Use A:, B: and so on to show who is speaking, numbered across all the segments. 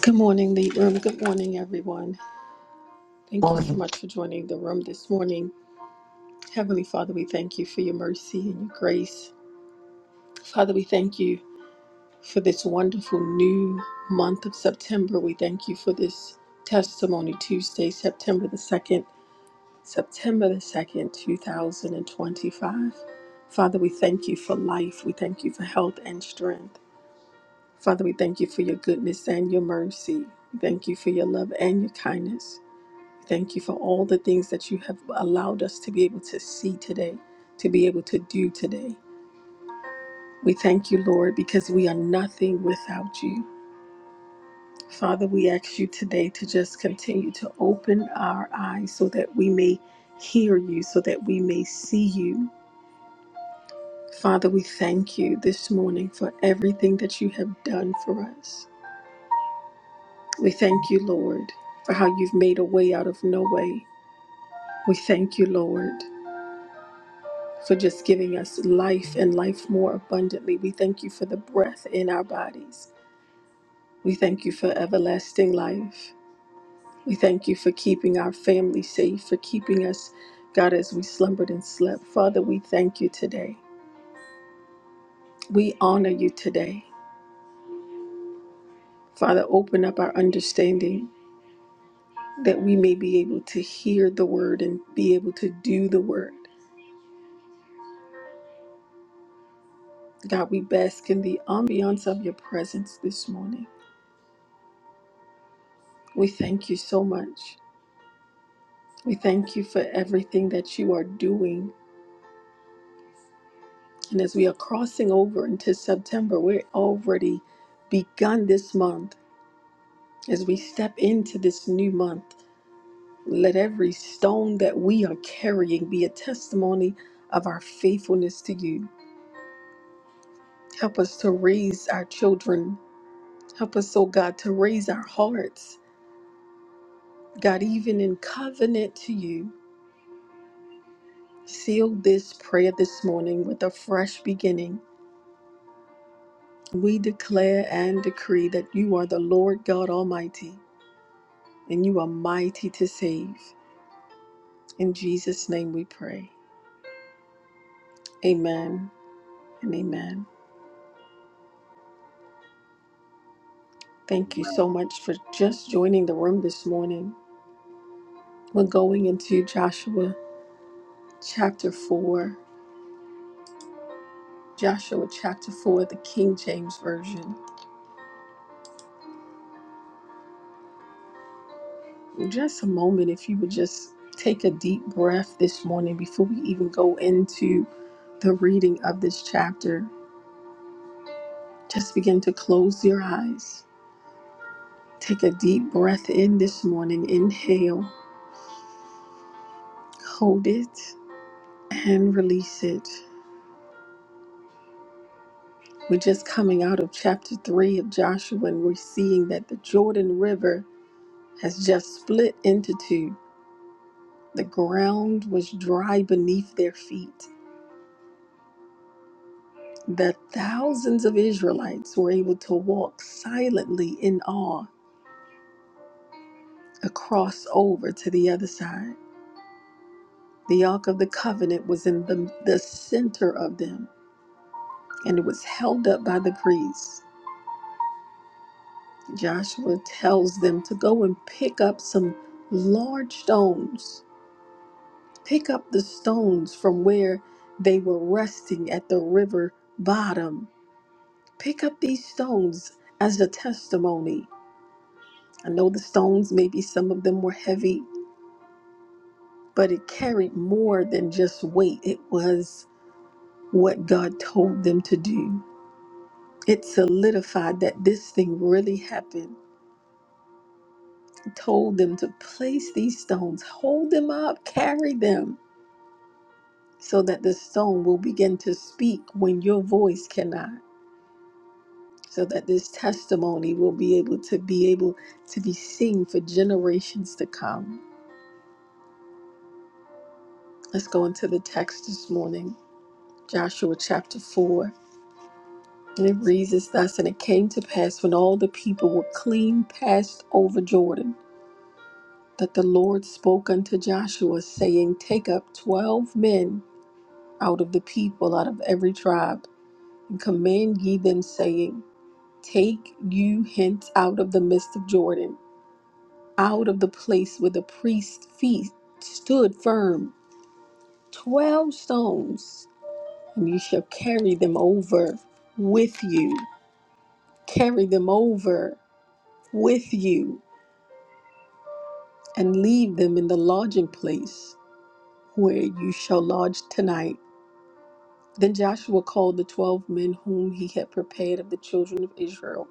A: Good morning, Lead Room. Good morning, everyone. Thank you so
B: Morning.
A: much for joining the room this morning. Heavenly Father, we thank you for your mercy and your grace. Father, we thank you for this wonderful new month of September. We thank you for this Testimony Tuesday, September the 2nd, September the 2nd, 2025. Father, we thank you for life. We thank you for health and strength. Father, we thank you for your goodness and your mercy. We thank you for your love and your kindness. Thank you for all the things that you have allowed us to be able to see today, to be able to do today. We thank you, Lord, because we are nothing without you. Father, we ask you today to just continue to open our eyes so that we may hear you, so that we may see you. Father, we thank you this morning for everything that you have done for us. We thank you, Lord, for how you've made a way out of no way. We thank you, Lord. for just giving us life and life more abundantly. We thank you for the breath in our bodies. We thank you for everlasting life. We thank you for keeping our family safe, for keeping us, God, as we slumbered and slept. Father, we thank you today. We honor you today. Father, open up our understanding that we may be able to hear the word and be able to do the word. God, we bask in the ambiance of your presence this morning. We thank you so much. We thank you for everything that you are doing. And as we are crossing over into September, we're already begun this month. As we step into this new month, let every stone that we are carrying be a testimony of our faithfulness to you. Help us to raise our children. Help us, oh God, to raise our hearts. God, even in covenant to you, seal this prayer this morning with a fresh beginning. We declare and decree that you are the Lord God Almighty and you are mighty to save. In Jesus' name we pray. Amen and amen. Thank you so much for just joining the room this morning. We're going into Joshua chapter 4. Joshua chapter 4, the King James Version. Just a moment, if you would just take a deep breath this morning before we even go into the reading of this chapter. Just begin to close your eyes. Take a deep breath in this morning. Inhale, hold it, and release it. We're just coming out of chapter 3 of Joshua, and we're seeing that the Jordan River has just split into two. The ground was dry beneath their feet. The thousands of Israelites were able to walk silently in awe across over to the other side. The Ark of the Covenant was in the, the center of them and it was held up by the priests. Joshua tells them to go and pick up some large stones, pick up the stones from where they were resting at the river bottom. Pick up these stones as a testimony. I know the stones, maybe some of them were heavy, but it carried more than just weight. It was what God told them to do. It solidified that this thing really happened told them to place these stones, hold them up, carry them, so that the stone will begin to speak when your voice cannot, so that this testimony will be able to be able to be seen for generations to come. Let's go into the text this morning, Joshua chapter 4. And it reads as thus, and it came to pass when all the people were clean passed over Jordan, that the Lord spoke unto Joshua, saying, Take up twelve men out of the people, out of every tribe, and command ye them, saying, Take you hence out of the midst of Jordan, out of the place where the priest's feet stood firm, twelve stones, and you shall carry them over with you, carry them over with you, and leave them in the lodging place where you shall lodge tonight. Then Joshua called the twelve men whom he had prepared of the children of Israel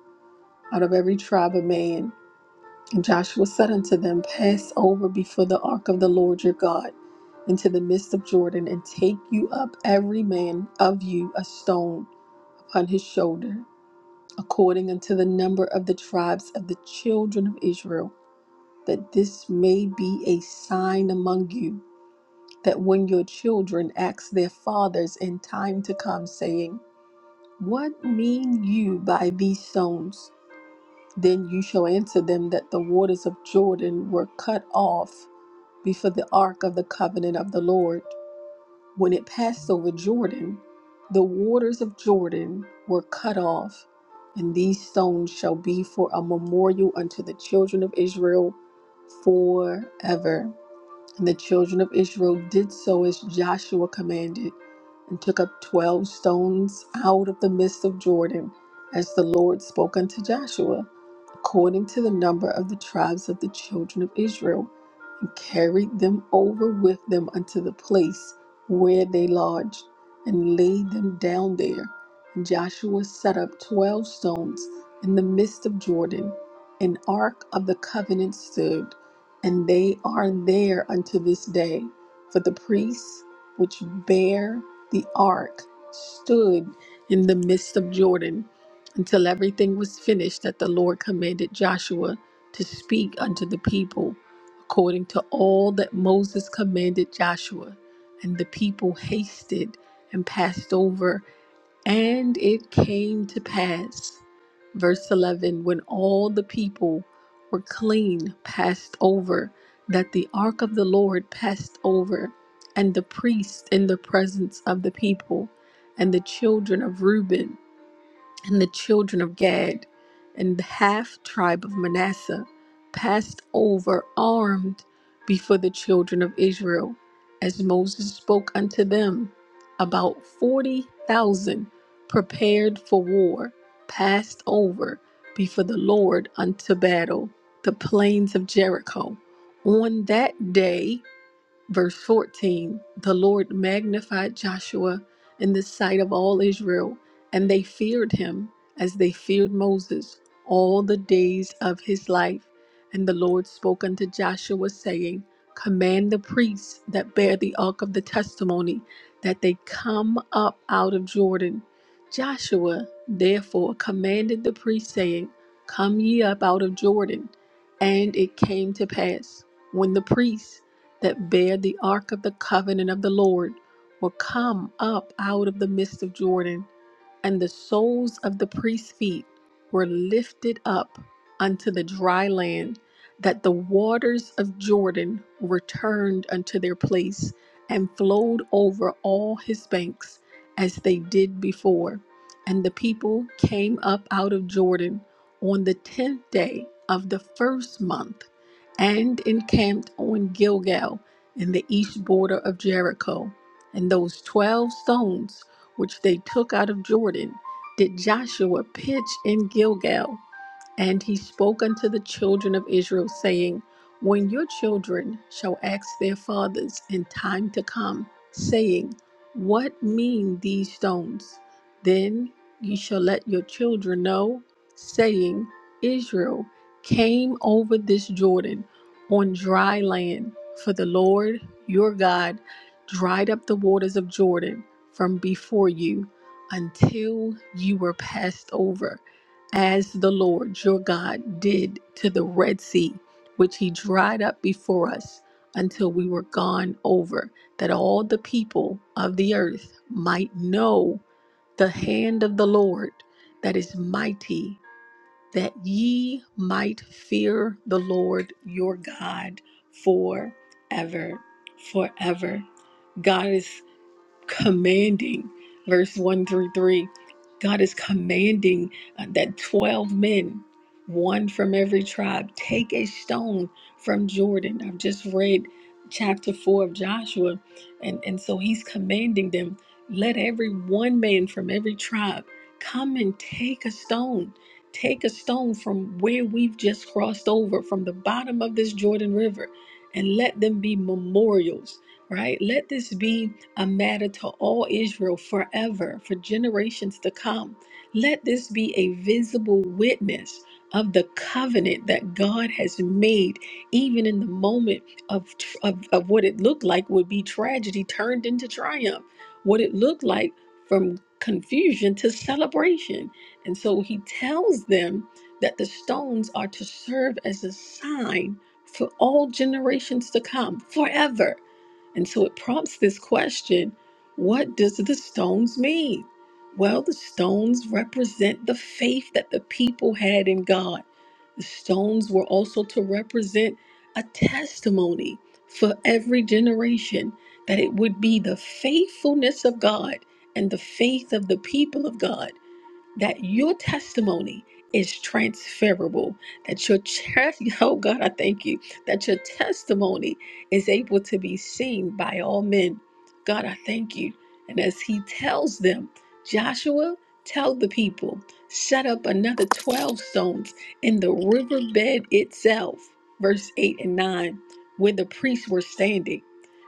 A: out of every tribe of man. And Joshua said unto them, Pass over before the ark of the Lord your God into the midst of Jordan, and take you up every man of you a stone upon his shoulder, according unto the number of the tribes of the children of Israel, that this may be a sign among you, that when your children ask their fathers in time to come, saying, What mean you by these stones? Then you shall answer them that the waters of Jordan were cut off before the ark of the covenant of the Lord. When it passed over Jordan, the waters of Jordan were cut off, and these stones shall be for a memorial unto the children of Israel forever. And the children of Israel did so as Joshua commanded, and took up twelve stones out of the midst of Jordan, as the Lord spoke unto Joshua according to the number of the tribes of the children of Israel, and carried them over with them unto the place where they lodged, and laid them down there. And Joshua set up twelve stones in the midst of Jordan. An ark of the covenant stood, and they are there unto this day. For the priests which bear the ark stood in the midst of Jordan until everything was finished that the Lord commanded Joshua to speak unto the people, according to all that Moses commanded Joshua. And the people hasted and passed over, and it came to pass. Verse 11 When all the people were clean, passed over, that the ark of the Lord passed over, and the priests in the presence of the people, and the children of Reuben and the children of Gad and the half tribe of Manasseh passed over armed before the children of Israel, as Moses spoke unto them. About 40,000 prepared for war passed over before the Lord unto battle, the plains of Jericho. On that day, Verse 14 The Lord magnified Joshua in the sight of all Israel, and they feared him as they feared Moses all the days of his life. And the Lord spoke unto Joshua, saying, Command the priests that bear the ark of the testimony that they come up out of Jordan. Joshua therefore commanded the priests, saying, Come ye up out of Jordan. And it came to pass when the priests that bear the ark of the covenant of the Lord will come up out of the midst of Jordan and the soles of the priest's feet were lifted up unto the dry land, that the waters of Jordan returned unto their place and flowed over all his banks as they did before. And the people came up out of Jordan on the tenth day of the first month and encamped on Gilgal in the east border of Jericho. And those twelve stones which they took out of Jordan, did Joshua pitch in Gilgal. And he spoke unto the children of Israel, saying, When your children shall ask their fathers in time to come, saying, What mean these stones? Then ye shall let your children know, saying, Israel came over this Jordan on dry land, for the Lord your God dried up the waters of Jordan from before you until you were passed over as the Lord your God did to the Red Sea, which he dried up before us until we were gone over, that all the people of the earth might know the hand of the Lord that is mighty, that ye might fear the Lord your God forever, forever. God is commanding, verse 1 through 3, God is commanding uh, that 12 men, one from every tribe, take a stone from Jordan. I've just read chapter 4 of Joshua, and, and so he's commanding them let every one man from every tribe come and take a stone. Take a stone from where we've just crossed over, from the bottom of this Jordan River, and let them be memorials right? Let this be a matter to all Israel forever, for generations to come. Let this be a visible witness of the covenant that God has made, even in the moment of, of, of what it looked like would be tragedy turned into triumph, what it looked like from confusion to celebration. And so he tells them that the stones are to serve as a sign for all generations to come forever and so it prompts this question what does the stones mean? Well, the stones represent the faith that the people had in God. The stones were also to represent a testimony for every generation that it would be the faithfulness of God and the faith of the people of God that your testimony is transferable that your chest oh god i thank you that your testimony is able to be seen by all men god i thank you and as he tells them joshua tell the people set up another 12 stones in the riverbed itself verse 8 and 9 where the priests were standing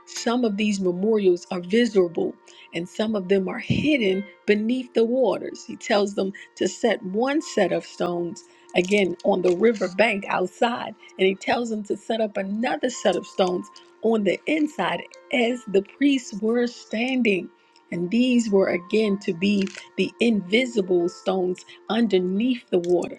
A: some of these memorials are visible and some of them are hidden beneath the waters. He tells them to set one set of stones again on the river bank outside, and he tells them to set up another set of stones on the inside as the priests were standing. And these were again to be the invisible stones underneath the water,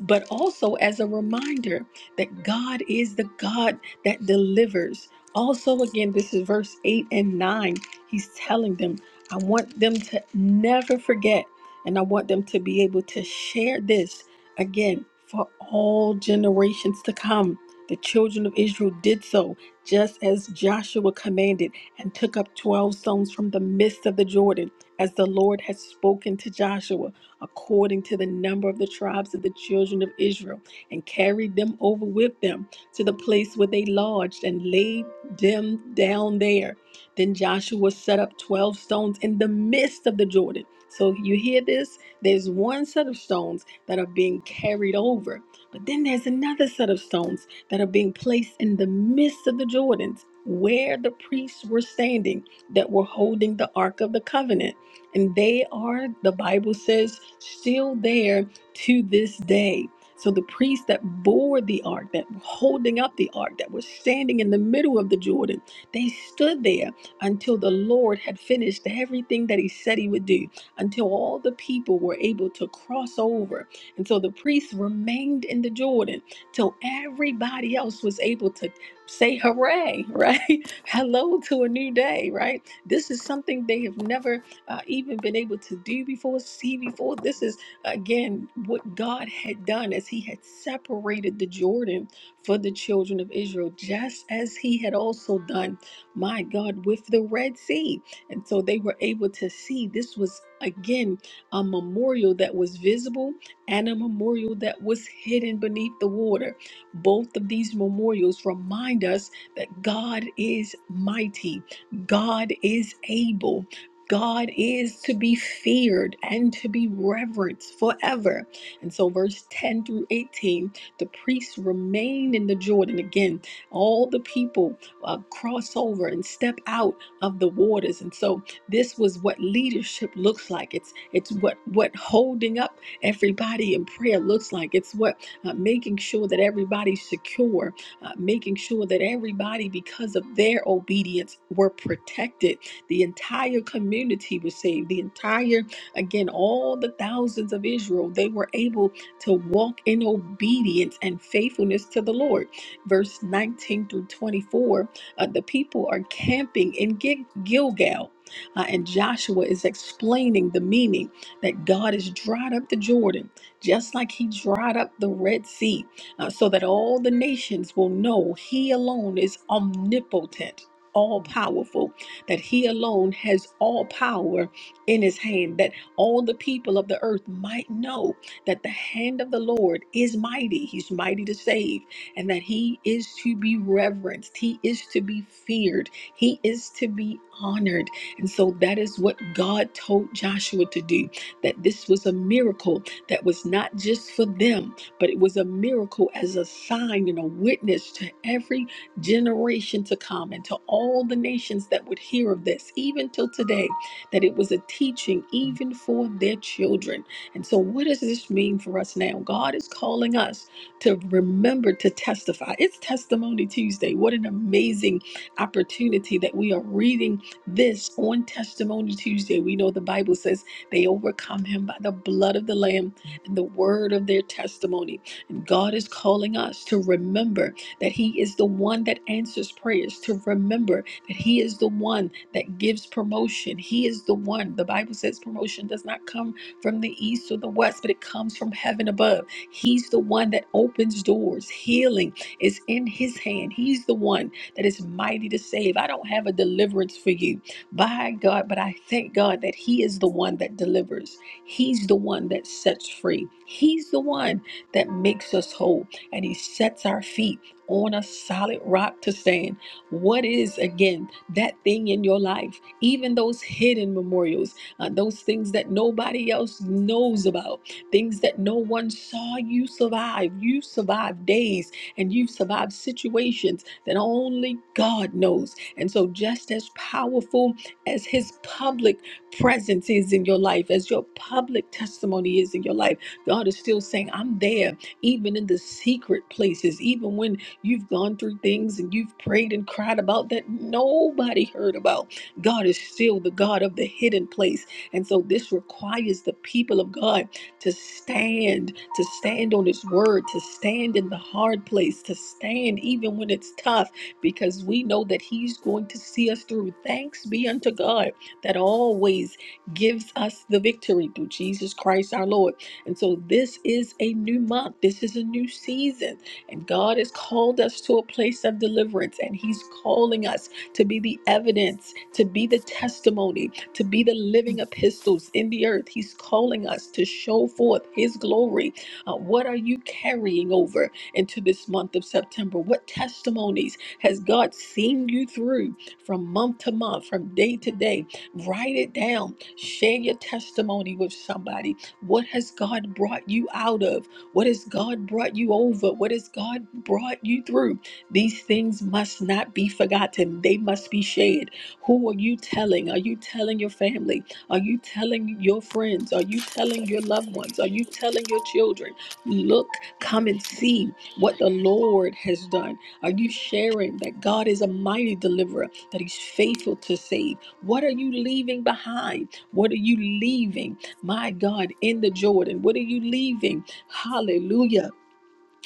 A: but also as a reminder that God is the God that delivers. Also, again, this is verse 8 and 9 He's telling them, I want them to never forget, and I want them to be able to share this again for all generations to come. The children of Israel did so, just as Joshua commanded, and took up 12 stones from the midst of the Jordan, as the Lord had spoken to Joshua, according to the number of the tribes of the children of Israel, and carried them over with them to the place where they lodged, and laid them down there then Joshua set up 12 stones in the midst of the Jordan. So you hear this? There's one set of stones that are being carried over, but then there's another set of stones that are being placed in the midst of the Jordans where the priests were standing that were holding the Ark of the Covenant. And they are, the Bible says, still there to this day. So the priests that bore the ark, that were holding up the ark, that were standing in the middle of the Jordan, they stood there until the Lord had finished everything that he said he would do, until all the people were able to cross over. And so the priests remained in the Jordan till everybody else was able to say hooray, right? Hello to a new day, right? This is something they have never uh, even been able to do before, see before. This is, again, what God had done as he had separated the Jordan for the children of Israel, just as he had also done my God, with the Red Sea. And so they were able to see this was, again, a memorial that was visible and a memorial that was hidden beneath the water. Both of these memorials remind us that God is mighty, God is able. God is to be feared and to be reverenced forever. And so, verse 10 through 18, the priests remained in the Jordan. Again, all the people uh, cross over and step out of the waters. And so this was what leadership looks like. It's it's what what holding up everybody in prayer looks like. It's what uh, making sure that everybody's secure, uh, making sure that everybody, because of their obedience, were protected. The entire community was saved. The entire again, all the thousands of Israel, they were able to walk in obedience and faithfulness to the Lord. Verse 19 through 24 uh, the people are camping in Gil- Gilgal, uh, and Joshua is explaining the meaning that God has dried up the Jordan, just like he dried up the Red Sea, uh, so that all the nations will know he alone is omnipotent. All powerful, that he alone has all power in his hand, that all the people of the earth might know that the hand of the Lord is mighty. He's mighty to save and that he is to be reverenced, he is to be feared, he is to be honored. And so that is what God told Joshua to do that this was a miracle that was not just for them, but it was a miracle as a sign and a witness to every generation to come and to all the nations that would hear of this, even till today, that it was a teaching even for their children. And so, what does this mean for us now? God is calling us to remember to testify. It's Testimony Tuesday. What an amazing opportunity that we are reading this on Testimony Tuesday. We know the Bible says they overcome him by the blood of the Lamb and the word of their testimony. And God is calling us to remember that He is the one that answers prayers, to remember that He is the one that gives promotion. He is the one. The Bible says promotion does not come from the east or the west, but it comes from heaven above. He's the one that opens doors. Healing is in his hand. He's the one that is mighty to save. I don't have a deliverance for you by God, but I thank God that he is the one that delivers. He's the one that sets free. He's the one that makes us whole and he sets our feet on a solid rock to stand. What is again that thing in your life? Even those hidden memorials, uh, those things that nobody else knows about things that no one saw you survive. You survived days and you've survived situations that only God knows. And so, just as powerful as His public presence is in your life, as your public testimony is in your life, God is still saying, I'm there, even in the secret places, even when you've gone through things and you've prayed and cried about that nobody heard about. God is still the God of the hidden place. And so, this requires the people of God to stand, to stand on His word, to stand in the hard place, to stand even when it's tough, because we know that He's going to see us through. Thanks be unto God that always gives us the victory through Jesus Christ our Lord. And so this is a new month, this is a new season, and God has called us to a place of deliverance, and He's calling us to be the evidence, to be the testimony to be the living epistles in the earth. He's calling us to show forth His glory. Uh, what are you carrying over into this month of September? What testimonies has God seen you through from month to month, from day to day? Write it down. Share your testimony with somebody. What has God brought you out of? What has God brought you over? What has God brought you through? These things must not be forgotten, they must be shared. Who are you telling? Are you telling your family? Are you telling your friends? Are you telling your loved ones? Are you telling your children? Look, come and see what the Lord has done. Are you sharing that God is a mighty deliverer, that He's faithful to save? What are you leaving behind? What are you leaving, my God, in the Jordan? What are you leaving? Hallelujah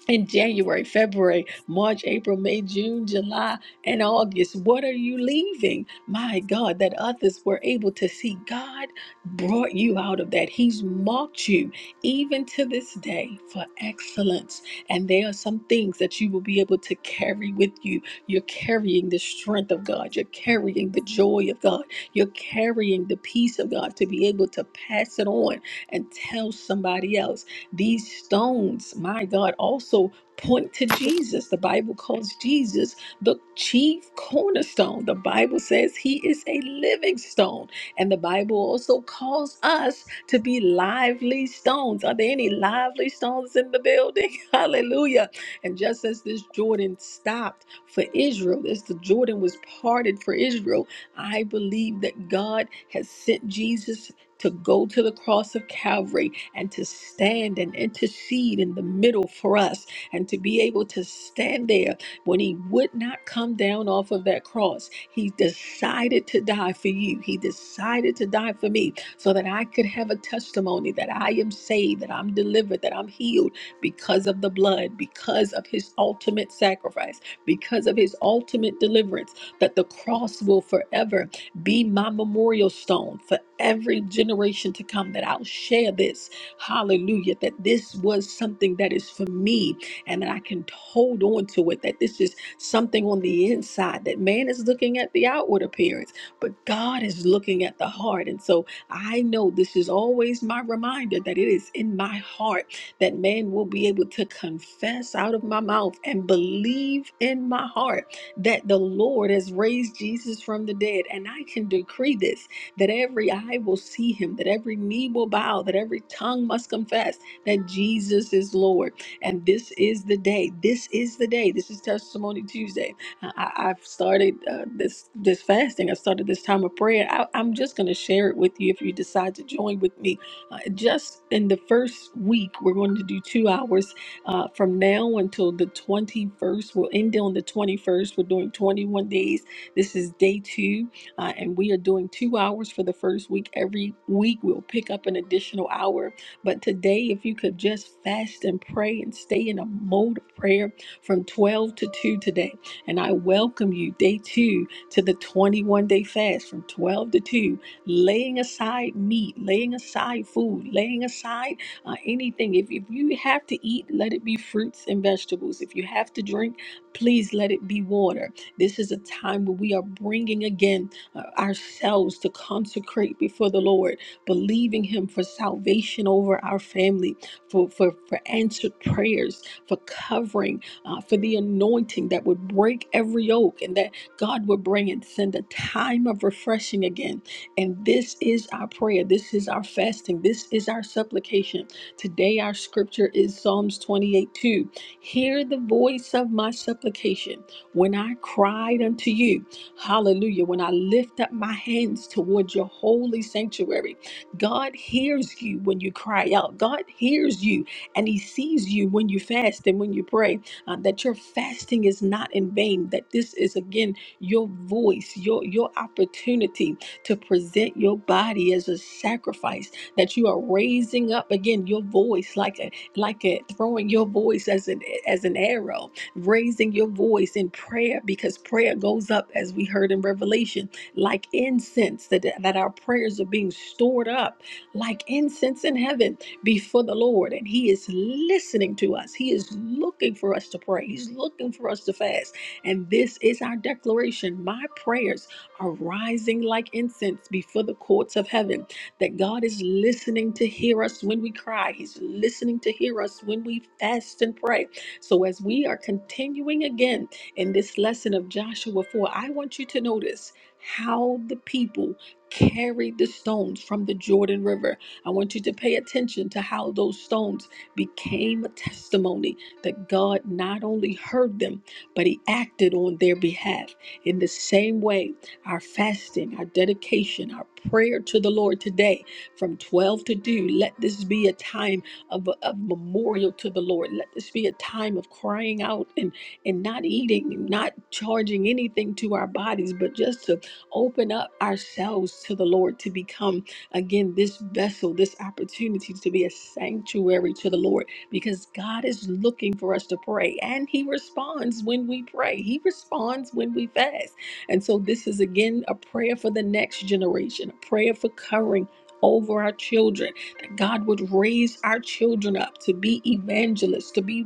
A: in January, February, March, April, May, June, July, and August. What are you leaving? My God, that others were able to see God brought you out of that. He's marked you even to this day for excellence. And there are some things that you will be able to carry with you. You're carrying the strength of God, you're carrying the joy of God, you're carrying the peace of God to be able to pass it on and tell somebody else. These stones, my God, also point to Jesus. The Bible calls Jesus the chief cornerstone. The Bible says he is a living stone. And the Bible also calls us to be lively stones. Are there any lively stones in the building? Hallelujah. And just as this Jordan stopped for Israel, as the Jordan was parted for Israel, I believe that God has sent Jesus to go to the cross of Calvary and to stand and intercede in the middle for us and to be able to stand there when he would not come down off of that cross. He decided to die for you. He decided to die for me so that I could have a testimony that I am saved, that I'm delivered, that I'm healed because of the blood, because of his ultimate sacrifice, because of his ultimate deliverance, that the cross will forever be my memorial stone for every generation to come that I'll share this. Hallelujah. That this was something that is for me and that I can hold on to it. That this is something on the inside. That man is looking at the outward appearance, but God is looking at the heart. And so I know this is always my reminder that it is in my heart that man will be able to confess out of my mouth and believe in my heart that the Lord has raised Jesus from the dead. And I can decree this that every eye will see him, that every knee will bow, that every tongue must confess that Jesus is Lord. And this is the day. This is the day. This is Testimony Tuesday. I, I- I've started uh, this this fasting. I started this time of prayer. I, I'm just going to share it with you if you decide to join with me. Uh, just in the first week, we're going to do two hours uh, from now until the 21st, we'll end on the 21st. We're doing 21 days. This is day two, uh, and we are doing two hours for the first week. Every week, we'll pick up an additional hour. But today, if you could just fast and pray and stay in a mode of prayer from 12 to 2 today. And I welcome you, day two, to the 21 day fast from 12 to 2 laying aside meat, laying aside food, laying aside uh, anything. If, if you have to eat, let it be fruits and vegetables. If you have to drink, please let it be water. This is a time where we are bringing again uh, ourselves to consecrate before the Lord, believing Him for salvation over our family, for, for, for answered prayers, for covering, uh, for the anointing that would break every yoke and that God would bring and send a time of refreshing again. And this is our prayer. This is our fasting. This is our supplication Today, our scripture is Psalms 28 2. Hear the voice of my supplication when I cried unto you. Hallelujah. When I lift up my hands toward your holy sanctuary, God hears you when you cry out. God hears you and He sees you when you fast and when you pray. uh, that your fasting is not in vain, that this is again your voice, your, your opportunity to present your body as a sacrifice that you are raising up again your voice like a like a throwing your voice as an as an arrow, raising your voice in prayer because prayer goes up as we heard in Revelation, like incense that that our prayers are being stored up like incense in heaven before the Lord and he is listening to us. He is looking for us to pray. He's looking for us to fast. And this is our declaration. My prayers are rising like incense before the courts of heaven that God is listening to hear us when we cry. He's listening to hear us when we fast and pray. So, as we are continuing again in this lesson of Joshua 4, I want you to notice how the people carried the stones from the Jordan River. I want you to pay attention to how those stones became a testimony that God not only heard them, but He acted on their behalf. In the same way, our fasting, our dedication, our prayer to the Lord today from 12 to 2. Let this be a time of, of memorial to the Lord. Let this be a time of crying out and, and not eating, and not charging anything to our bodies, but just to open up ourselves to the Lord to become, again, this vessel, this opportunity to be a sanctuary to the Lord because God is looking for us to pray and He responds when we pray, He responds when we fast. And so, this is again a prayer for the next generation, a prayer for covering over our children, that God would raise our children up to be evangelists, to be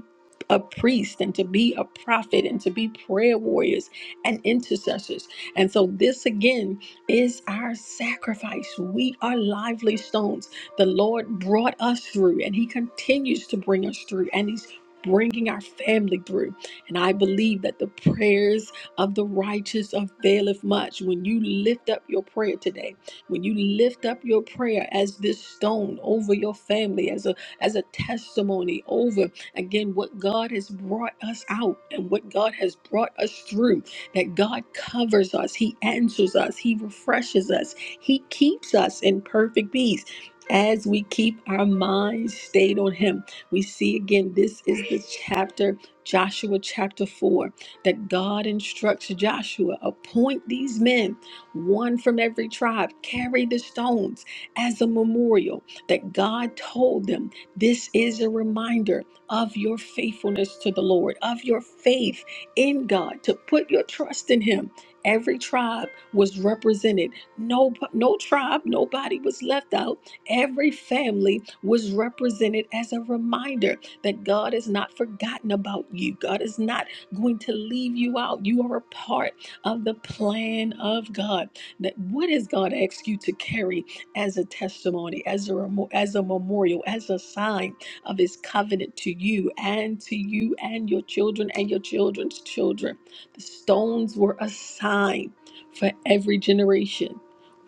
A: a priest, and to be a prophet, and to be prayer warriors and intercessors. And so, this again is our sacrifice. We are lively stones. The Lord brought us through, and He continues to bring us through, and He's bringing our family through. And I believe that the prayers of the righteous availeth much. When you lift up your prayer today, when you lift up your prayer as this stone over your family, as a as a testimony over again what God has brought us out and what God has brought us through, that God covers us, He answers us, He refreshes us, He keeps us in perfect peace. As we keep our minds stayed on Him, we see again this is the chapter, Joshua chapter 4 that God instructs Joshua appoint these men, one from every tribe, carry the stones as a memorial, that God told them this is a reminder of your faithfulness to the Lord, of your faith in God, to put your trust in Him. Every tribe was represented. No, no tribe, nobody was left out. Every family was represented as a reminder that God has not forgotten about you. God has not going to leave you out. You are a part of the plan of God. That what has God asked you to carry as a testimony, as a remo- as a memorial, as a sign of His covenant to you and to you and your children and your children's children? The stones were a sign for every generation.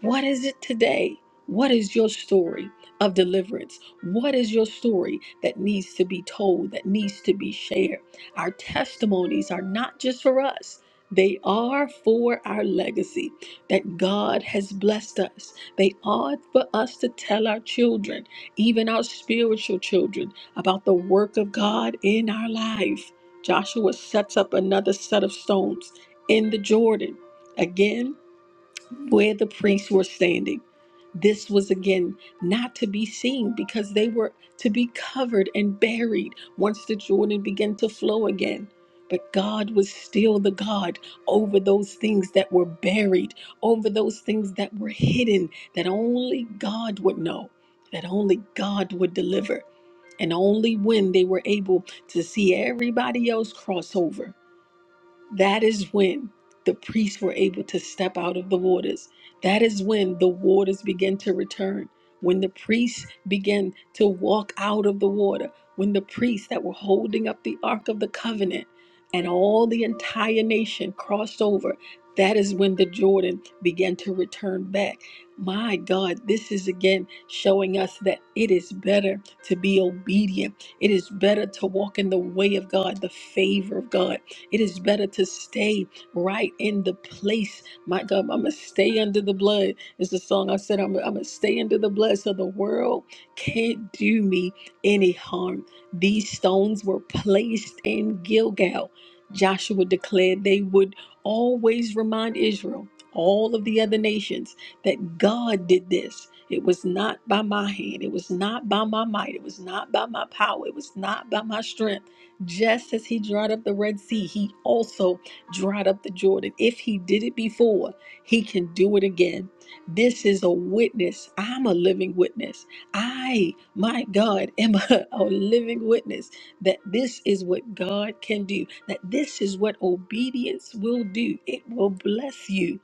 A: What is it today? What is your story of deliverance? What is your story that needs to be told, that needs to be shared? Our testimonies are not just for us. They are for our legacy that God has blessed us. They are for us to tell our children, even our spiritual children, about the work of God in our life. Joshua sets up another set of stones in the Jordan. Again, where the priests were standing. This was again not to be seen because they were to be covered and buried once the Jordan began to flow again. But God was still the God over those things that were buried, over those things that were hidden, that only God would know, that only God would deliver. And only when they were able to see everybody else cross over that is when the priests were able to step out of the waters. That is when the waters began to return. When the priests began to walk out of the water. When the priests that were holding up the Ark of the Covenant and all the entire nation crossed over. That is when the Jordan began to return back. My God, this is again showing us that it is better to be obedient. It is better to walk in the way of God, the favor of God it is better to stay right in the place. My God, I'm going to stay under the blood. It's the song I said, I'm, I'm going to stay under the blood so the world can't do me any harm. These stones were placed in Gilgal. Joshua declared they would always remind Israel, all of the other nations, that God did this. It was not by my hand. It was not by my might. It was not by my power. It was not by my strength just as he dried up the Red Sea, he also dried up the Jordan. If he did it before, he can do it again. This is a witness. I'm a living witness. I, my God, am a, a living witness that this is what God can do, that this is what obedience will do. It will bless you.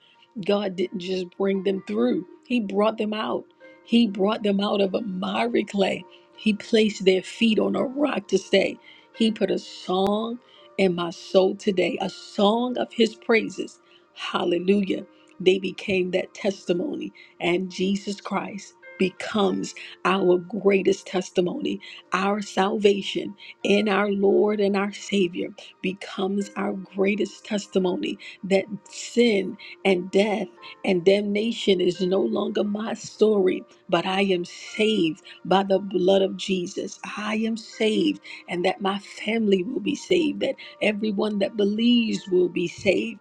A: God didn't just bring them through, He brought them out. He brought them out of a miry clay. He placed their feet on a rock to stay. He put a song in my soul today, a song of his praises. Hallelujah. They became that testimony, and Jesus Christ becomes our greatest testimony. Our salvation in our Lord and our Savior becomes our greatest testimony that sin and death and damnation is no longer my story, but I am saved by the blood of Jesus. I am saved and that my family will be saved, that everyone that believes will be saved.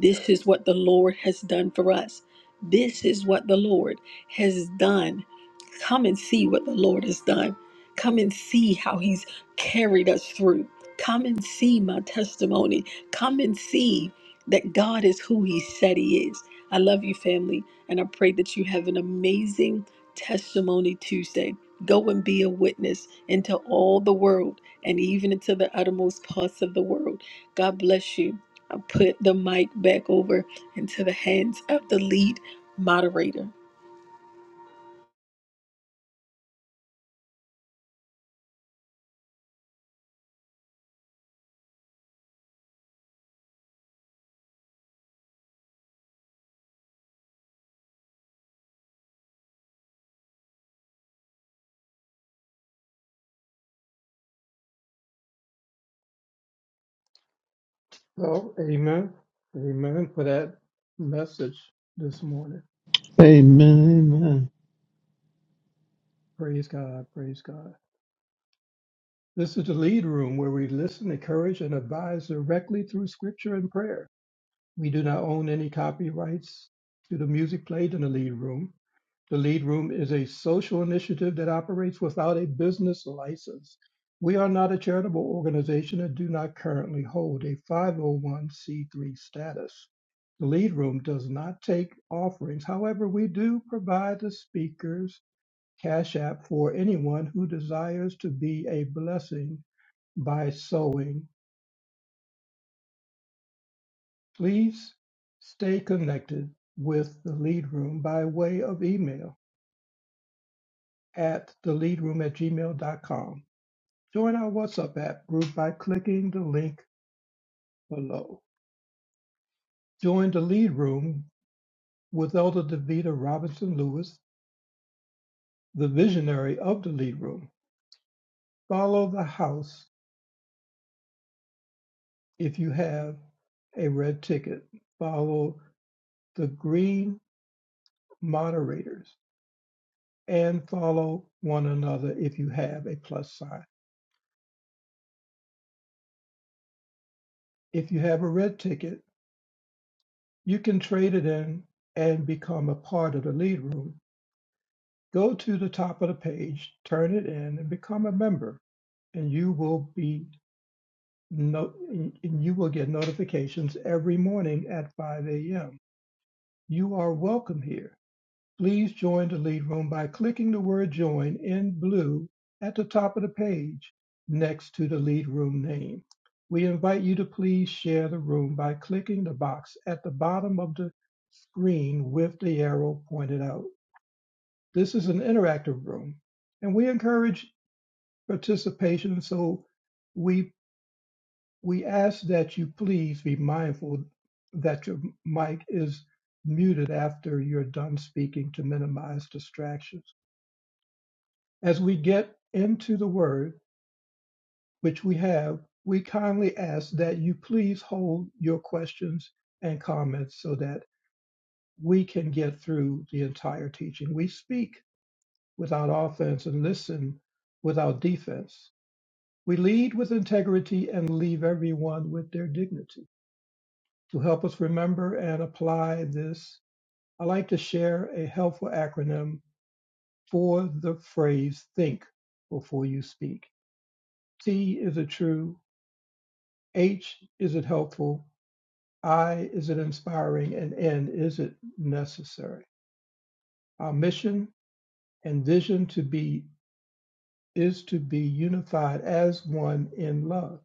A: this is what the Lord has done for us. This is what the Lord has done. Come and see what the Lord has done. Come and see how He's carried us through. Come and see my testimony. Come and see that God is who He said He is. I love you, family, and I pray that you have an amazing Testimony Tuesday. Go and be a witness into all the world and even into the uttermost parts of the world. God bless you. I put the mic back over into the hands of the lead moderator.
C: So, amen. Amen for that message this morning.
D: Amen, amen.
C: Praise God. Praise God. This is the lead room where we listen, encourage, and advise directly through scripture and prayer. We do not own any copyrights to the music played in the lead room. The Lead Room is a social initiative that operates without a business license. We are not a charitable organization and do not currently hold a 501c3 status. The Lead Room does not take offerings. However, we do provide the speakers cash app for anyone who desires to be a blessing by sewing. Please stay connected with the Lead Room by way of email at theleadroom at gmail.com. Join our WhatsApp app group by clicking the link below. Join the Lead Room with Elder Davita Robinson Lewis, the visionary of the Lead Room. Follow the house if you have a red ticket. Follow the green moderators and follow one another if you have a plus sign. If you have a red ticket, you can trade it in and become a part of the Lead Room. Go to the top of the page, turn it in, and become a member. and you will be no, and you will get notifications every morning at 5 a.m. You are welcome here. Please join the lead room by clicking the word join in blue at the top of the page next to the lead room name. We invite you to please share the room by clicking the box at the bottom of the screen with the arrow pointed out. This is an interactive room and we encourage participation so we We ask that you please be mindful that your mic is muted after you're done speaking to minimize distractions. As we get into the word, which we have, we kindly ask that you please hold your questions and comments so that we can get through the entire teaching. We speak without offense and listen without defense. We lead with integrity and leave everyone with their dignity. To help us remember and apply this, I like to share a helpful acronym for the phrase think before you speak. T is it true? H is it helpful? I is it inspiring? And N is it necessary? Our mission and vision to be is to be unified as one in love.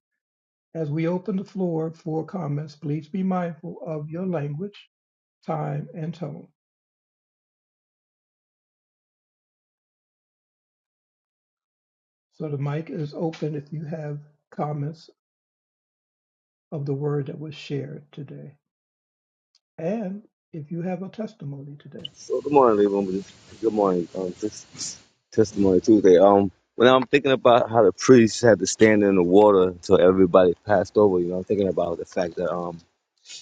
C: As we open the floor for comments, please be mindful of your language, time, and tone. So the mic is open if you have comments of the word that was shared today, and if you have a testimony today.
E: So good morning, Lee Woman. Good morning. Um, this testimony Tuesday. Um, when I'm thinking about how the priests had to stand in the water until everybody passed over, you know, I'm thinking about the fact that um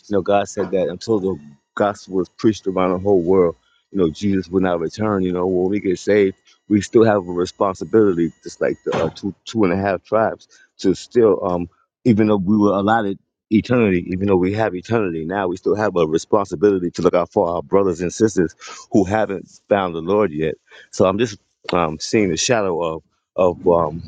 E: You know, God said that until the gospel is preached around the whole world, you know, Jesus will not return. You know, when we get saved, we still have a responsibility, just like the uh, two two and a half tribes, to still, um, even though we were allotted eternity, even though we have eternity now, we still have a responsibility to look out for our brothers and sisters who haven't found the Lord yet. So I'm just um, seeing the shadow of of um,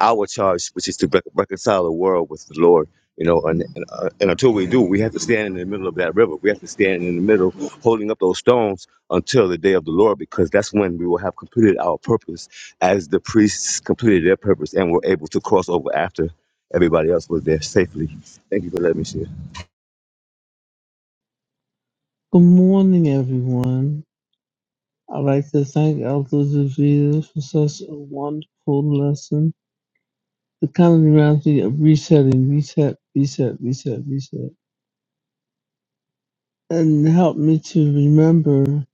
E: our charge, which is to rec- reconcile the world with the Lord. You know, and and, uh, and until we do, we have to stand in the middle of that river. We have to stand in the middle, holding up those stones until the day of the Lord, because that's when we will have completed our purpose, as the priests completed their purpose and were able to cross over after everybody else was there safely. Thank you for letting me share.
D: Good morning, everyone. I'd like to thank Elder Davida for such a wonderful lesson. It kind of reminds me of resetting, reset, reset, reset, reset. And helped me to remember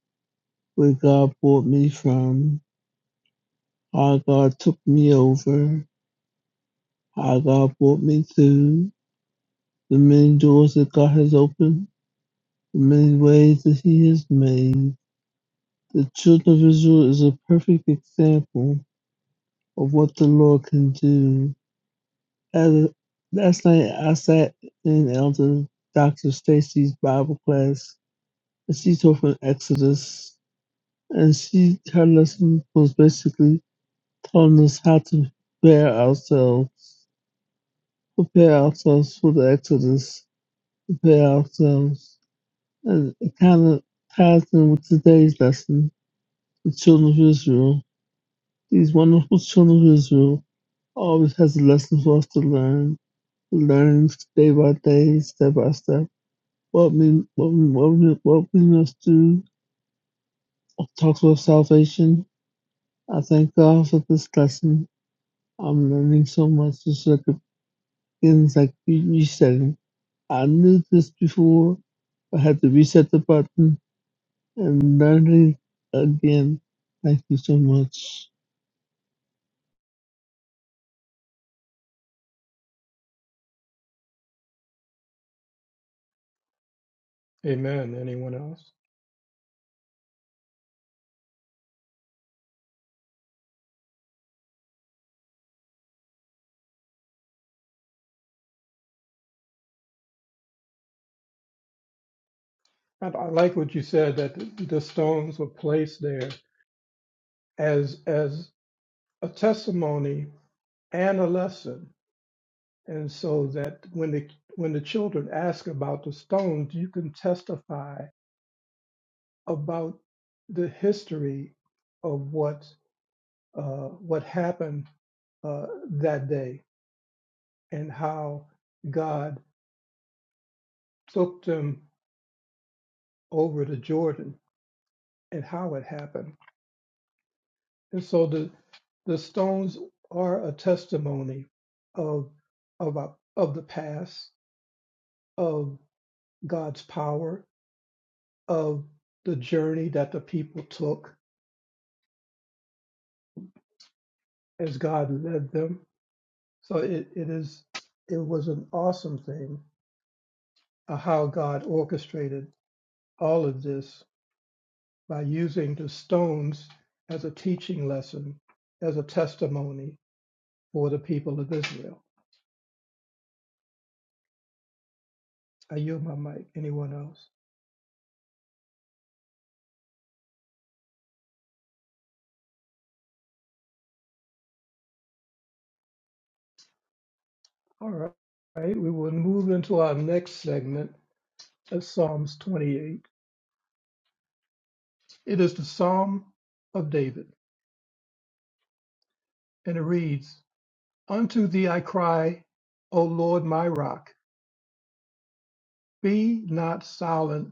D: where God brought me from, how God took me over, how God brought me through, the many doors that God has opened, the many ways that He has made. The children of Israel is a perfect example of what the Lord can do. As, a, last night I sat in Elder Dr. Stacy's Bible class, and she taught from Exodus, and she her lesson was basically telling us how to prepare ourselves, prepare ourselves for the Exodus, prepare ourselves, and it kind of ties in with today's lesson, the children of Israel. These wonderful children of Israel always has a lesson for us to learn learn day by day, step by step, what we what we what we, what we must do. I talk about salvation. I thank God for this lesson. I'm learning so much just like the beginnings, like you, you said. I knew this before. I had to reset the button and learn it again. Thank you so much.
C: Amen. Anyone else? And I like what you said that the the stones were placed there as as a testimony and a lesson, and so that when the when the children ask about the stones, you can testify about the history of what uh, what happened uh, that day and how God took them over to Jordan and how it happened. And so the the stones are a testimony of of our- of the past, of God's power, of the journey that the people took as God led them. So it, it is it was an awesome thing uh, how God orchestrated all of this by using the stones as a teaching lesson, as a testimony for the people of Israel. I yield my mic. Anyone else? All right. All right. We will move into our next segment of Psalms 28. It is the Psalm of David, and it reads, Unto thee I cry, O Lord my rock, be not silent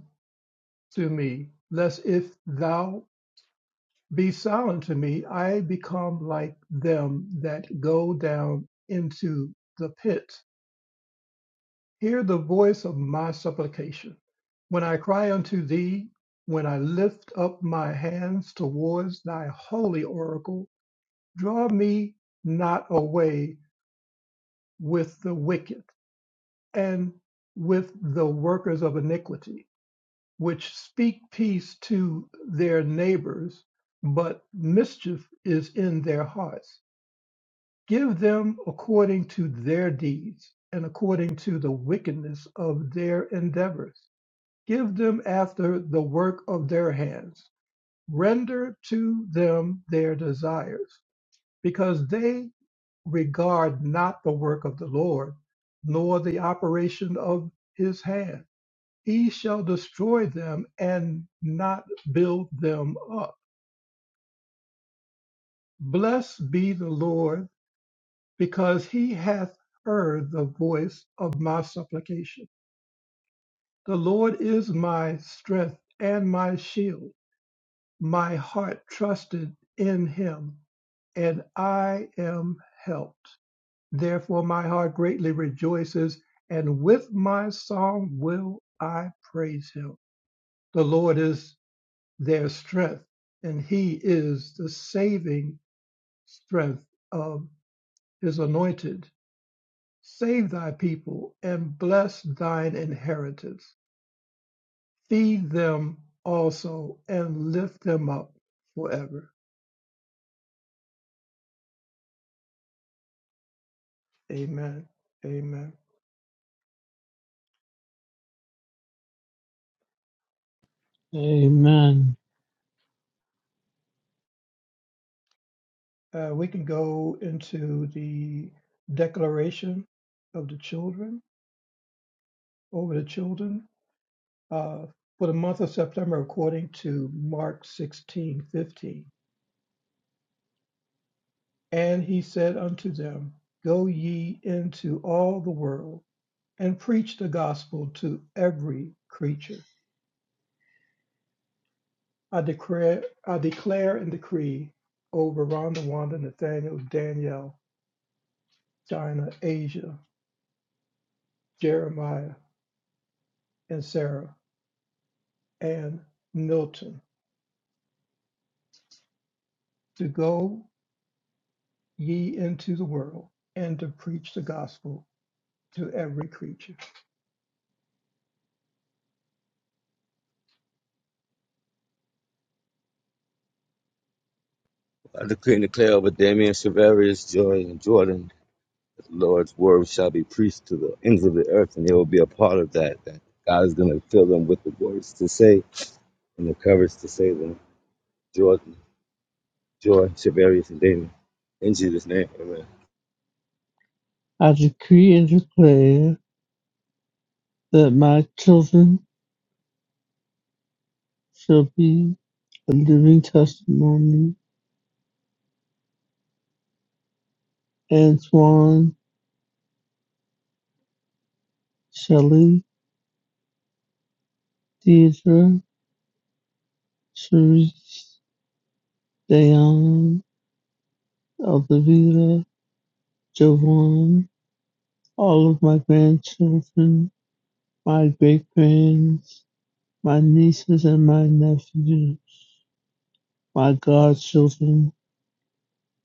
C: to me, lest if thou Be silent to me. I become like them that go down into the pit. Hear the voice of my supplication. When I cry unto thee, when I lift up my hands towards thy holy oracle, draw me not away with the wicked and with the workers of iniquity, which speak peace to their neighbors, but mischief is in their hearts. Give them according to their deeds and according to the wickedness of their endeavors. Give them after the work of their hands. Render to them their desires, because they regard not the work of the Lord, nor the operation of his hand. He shall destroy them and not build them up. Blessed be the Lord because he hath heard the voice of my supplication. The Lord is my strength and my shield. My heart trusted in him, and I am helped. Therefore, my heart greatly rejoices, and with my song will I praise him. The Lord is their strength, and he is the saving strength of his anointed Save thy people and bless thine inheritance. Feed them also and lift them up forever. Amen. Amen.
D: Amen.
C: Uh, we can go into the declaration of the children, over the children, uh, for the month of September, according to Mark sixteen fifteen. And he said unto them, Go ye into all the world and preach the gospel to every creature. I declare, I declare and decree over Rhonda, Wanda, Nathaniel, Danielle, Dinah, Asia, Jeremiah, and Sarah, and Milton to go ye into the world and to preach the gospel to every creature.
E: I decree and declare over Damien, Shavarius, Joy, and Jordan, that the Lord's word shall be preached to the ends of the earth, and they will be a part of that. That God is going to fill them with the words to say and the courage to save them. Jordan, Joy, Shavarius, and Daniel. In Jesus' name, amen.
D: I decree and declare that my children shall be a living testimony Antoine Shelley, Deirdre Cherish, Dayan, Elvira, Javon, all of my grandchildren, my great grands, my nieces and my nephews, my godchildren.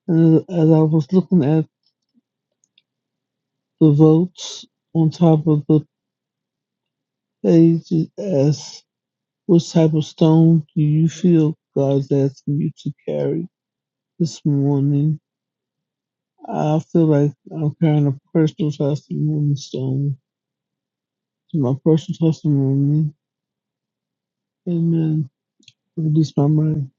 D: And as I was looking at the votes on top of the page, it asks, which type of stone do you feel God's asking you to carry this morning? I feel like I'm carrying a personal testimony, so to my personal testimony, amen. Release my mind.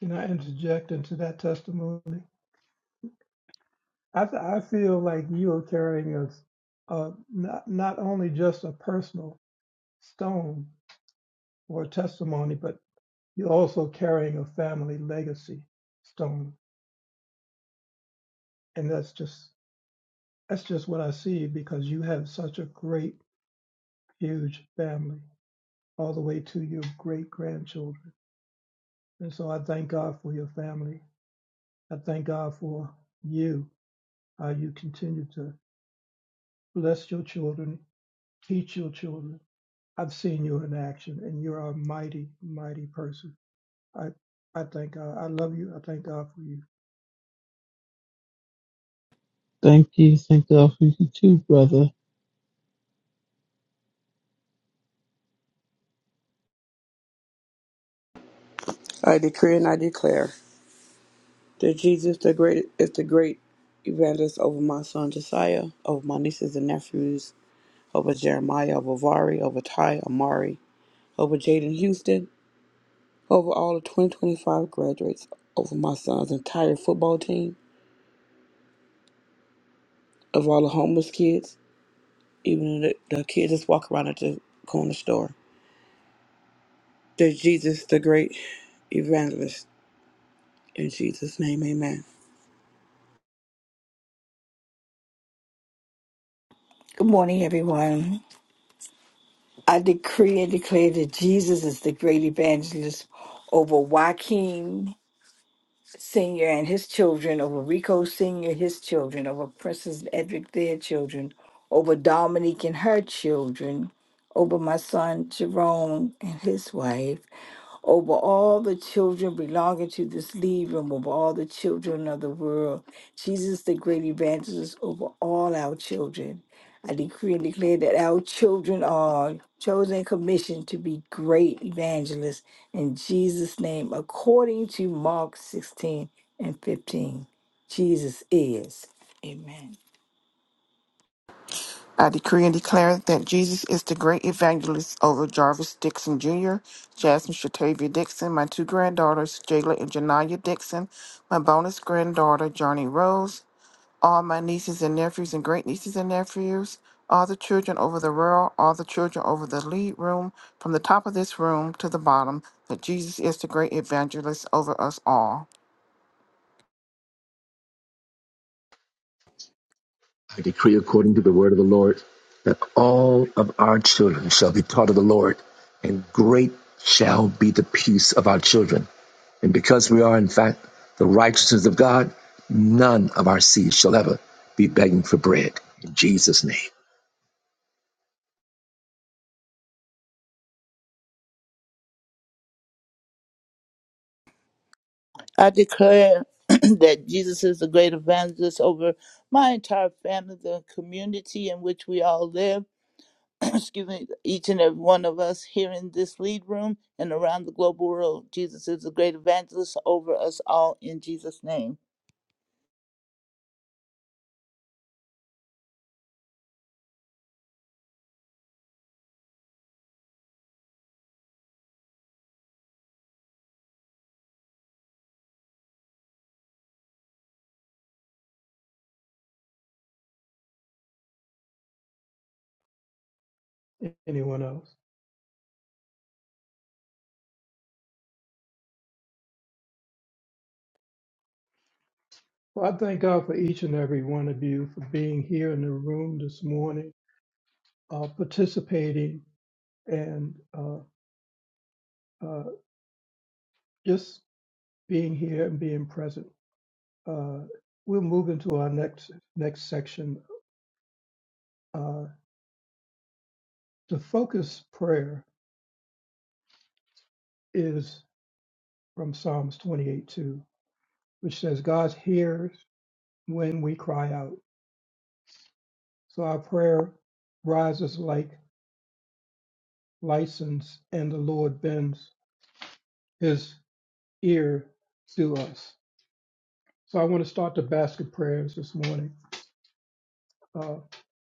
C: Can I interject into that testimony? I, th- I feel like you are carrying a, a not, not only just a personal stone or testimony, but You're also carrying a family legacy stone. And that's just that's just what I see because you have such a great, huge family, all the way to your great grandchildren. And so I thank God for your family. I thank God for you, how you continue to bless your children, teach your children. I've seen you in action and you're a mighty, mighty person. I I thank God. I love you. I thank God for you.
D: Thank you, thank God for you too, brother.
F: I decree and I declare that Jesus the great is the great evangelist over my son Josiah, over my nieces and nephews, over Jeremiah, over Vari, over Ty Amari, over Jaden Houston, over all the 2025 graduates, over my son's entire football team, of all the homeless kids, even the, the kids that walk around at the corner store. That Jesus the great evangelist. In Jesus' name, amen.
B: Good morning, everyone. I decree and declare that Jesus is the great evangelist over Joaquin Sr. and his children, over Rico Sr., his children, over Princess Edric, their children, over Dominique and her children, over my son Jerome and his wife, over all the children belonging to this lead room, over all the children of the world. Jesus, the great evangelist, over all our children. I decree and declare that our children are chosen and commissioned to be great evangelists in Jesus' name, according to Mark 16 and 15. Jesus is. Amen.
G: I decree and declare that Jesus is the great evangelist over Jarvis Dixon Jr., Jasmine Shatavia Dixon, my two granddaughters, Jayla and Janaya Dixon, my bonus granddaughter, Johnny Rose, all my nieces and nephews and great nieces and nephews, all the children over the world, all the children over the lead room, from the top of this room to the bottom, that Jesus is the great evangelist over us all.
H: I decree according to the word of the Lord that all of our children shall be taught of the Lord, and great shall be the peace of our children. And because we are, in fact, the righteousness of God, none of our seed shall ever be begging for bread. In Jesus' name.
I: I declare that Jesus is the great evangelist over my entire family, the community in which we all live. Excuse me, each and every one of us here in this lead room and around the global world. Jesus is the great evangelist over us all in Jesus' name.
C: Anyone else? Well, I thank God for each and every one of you for being here in the room this morning, uh, participating, and uh, uh, just being here and being present. Uh, we'll move into our next next section. Uh, the focus prayer is from Psalms 28:2, which says, "God hears when we cry out." So our prayer rises like license, and the Lord bends His ear to us. So I want to start the basket prayers this morning. Uh,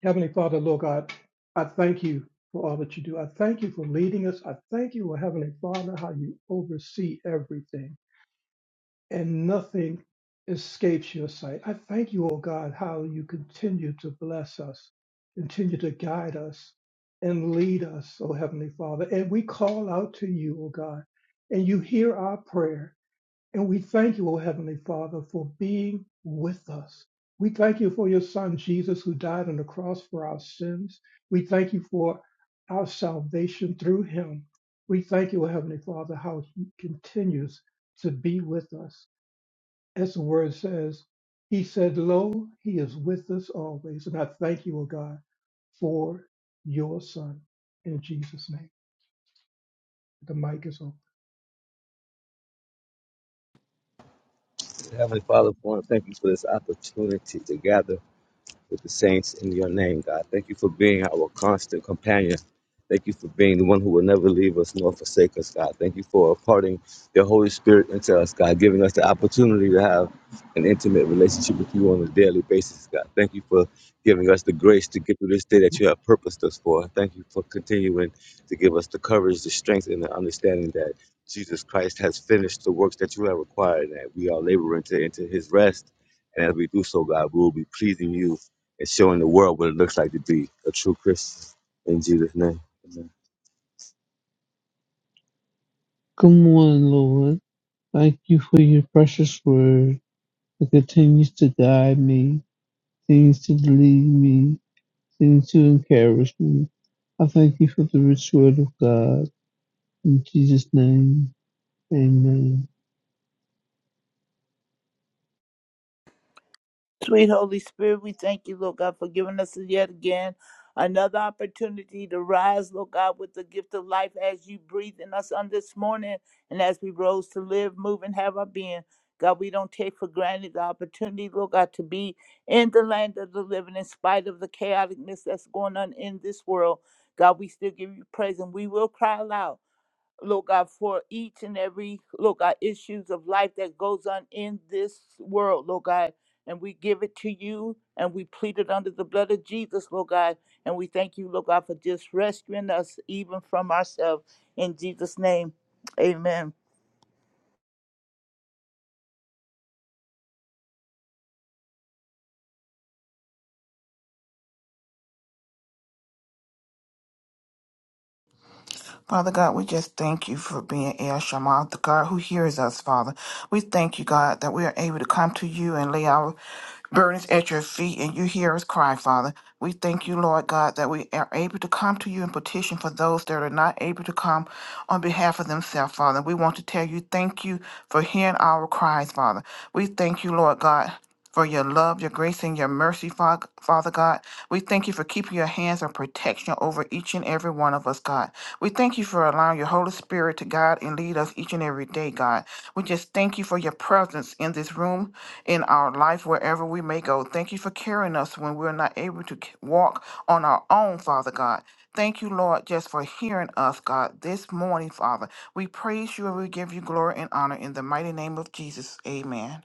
C: Heavenly Father, Lord God, I thank you for all that you do. I thank you for leading us. I thank you, Lord Heavenly Father, how you oversee everything and nothing escapes your sight. I thank you, oh God, how you continue to bless us, continue to guide us and lead us, oh Heavenly Father. And we call out to you, oh God, and you hear our prayer and we thank you, O Heavenly Father, for being with us. We thank you for your Son, Jesus, who died on the cross for our sins. We thank you for our salvation through him. We thank you, O Heavenly Father, how he continues to be with us. As the word says, he said, Lo, he is with us always. And I thank you, O God, for your Son. In Jesus' name, the mic is open.
E: Heavenly Father, I want to thank you for this opportunity to gather with the saints in your name, God. Thank you for being our constant companion. Thank you for being the one who will never leave us nor forsake us, God. Thank you for imparting your Holy Spirit into us, God, giving us the opportunity to have an intimate relationship with you on a daily basis, God. Thank you for giving us the grace to get through this day that you have purposed us for. Thank you for continuing to give us the courage, the strength, and the understanding that Jesus Christ has finished the works that you have required, and that we are laboring to enter his rest. And as we do so, God, we will be pleasing you and showing the world what it looks like to be a true Christian. In Jesus' name. Amen.
D: Good morning, Lord. Thank you for your precious word that continues to guide me, continues to lead me, continues to encourage me. I thank you for the rich word of God. In Jesus' name, amen.
I: Sweet Holy Spirit, we thank you, Lord God, for giving us yet again another opportunity to rise, Lord God, with the gift of life as you breathe in us on this morning and as we rose to live, move, and have our being. God, we don't take for granted the opportunity, Lord God, to be in the land of the living in spite of the chaoticness that's going on in this world. God, we still give you praise and we will cry aloud. Lord God, for each and every, Lord God, issues of life that goes on in this world, Lord God. And we give it to you and we plead it under the blood of Jesus, Lord God. And we thank you, Lord God, for just rescuing us even from ourselves. In Jesus' name, amen.
G: Father God, we just thank you for being El Shammah, the God who hears us, Father. We thank you, God, that we are able to come to you and lay our burdens at your feet and you hear us cry, Father. We thank you, Lord God, that we are able to come to you and petition for those that are not able to come on behalf of themselves, Father. We want to tell you thank you for hearing our cries, Father. We thank you, Lord God for your love, your grace, and your mercy, Fa- Father God. We thank you for keeping your hands of protection over each and every one of us, God. We thank you for allowing your Holy Spirit to guide and lead us each and every day, God. We just thank you for your presence in this room, in our life, wherever we may go. Thank you for carrying us when we're not able to c- walk on our own, Father God. Thank you, Lord, just for hearing us, God, this morning, Father. We praise you and we give you glory and honor in the mighty name of Jesus. Amen.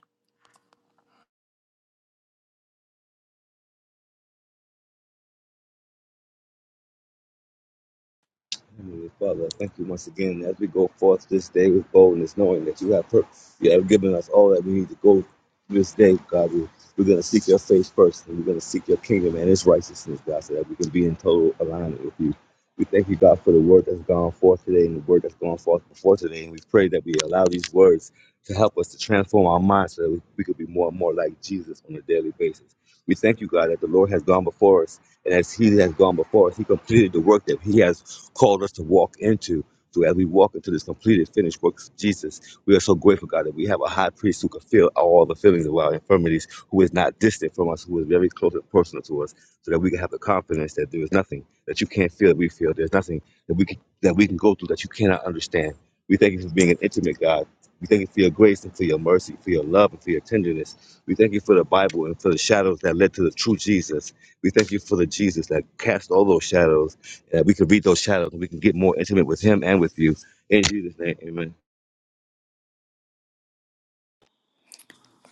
E: Heavenly Father, thank you once again as we go forth this day with boldness, knowing that you have per- you have given us all that we need to go this day, God. We, we're going to seek your face first, and we're going to seek your kingdom and its righteousness, God, so that we can be in total alignment with you. We thank you, God, for the word that's gone forth today and the word that's gone forth before today. And we pray that we allow these words to help us to transform our minds so that we, we could be more and more like Jesus on a daily basis. We thank you, God, that the Lord has gone before us. And as He has gone before us, He completed the work that He has called us to walk into. So as we walk into this completed, finished work of Jesus, we are so grateful, God, that we have a high priest who can feel all the feelings of our infirmities, who is not distant from us, who is very close and personal to us, so that we can have the confidence that there is nothing that you can't feel that we feel. There's nothing that we can that we can go through that you cannot understand. We thank you for being an intimate God. We thank you for your grace and for your mercy, for your love and for your tenderness. We thank you for the Bible and for the shadows that led to the true Jesus. We thank you for the Jesus that cast all those shadows that we could read those shadows and we can get more intimate with him and with you. In Jesus' name, amen.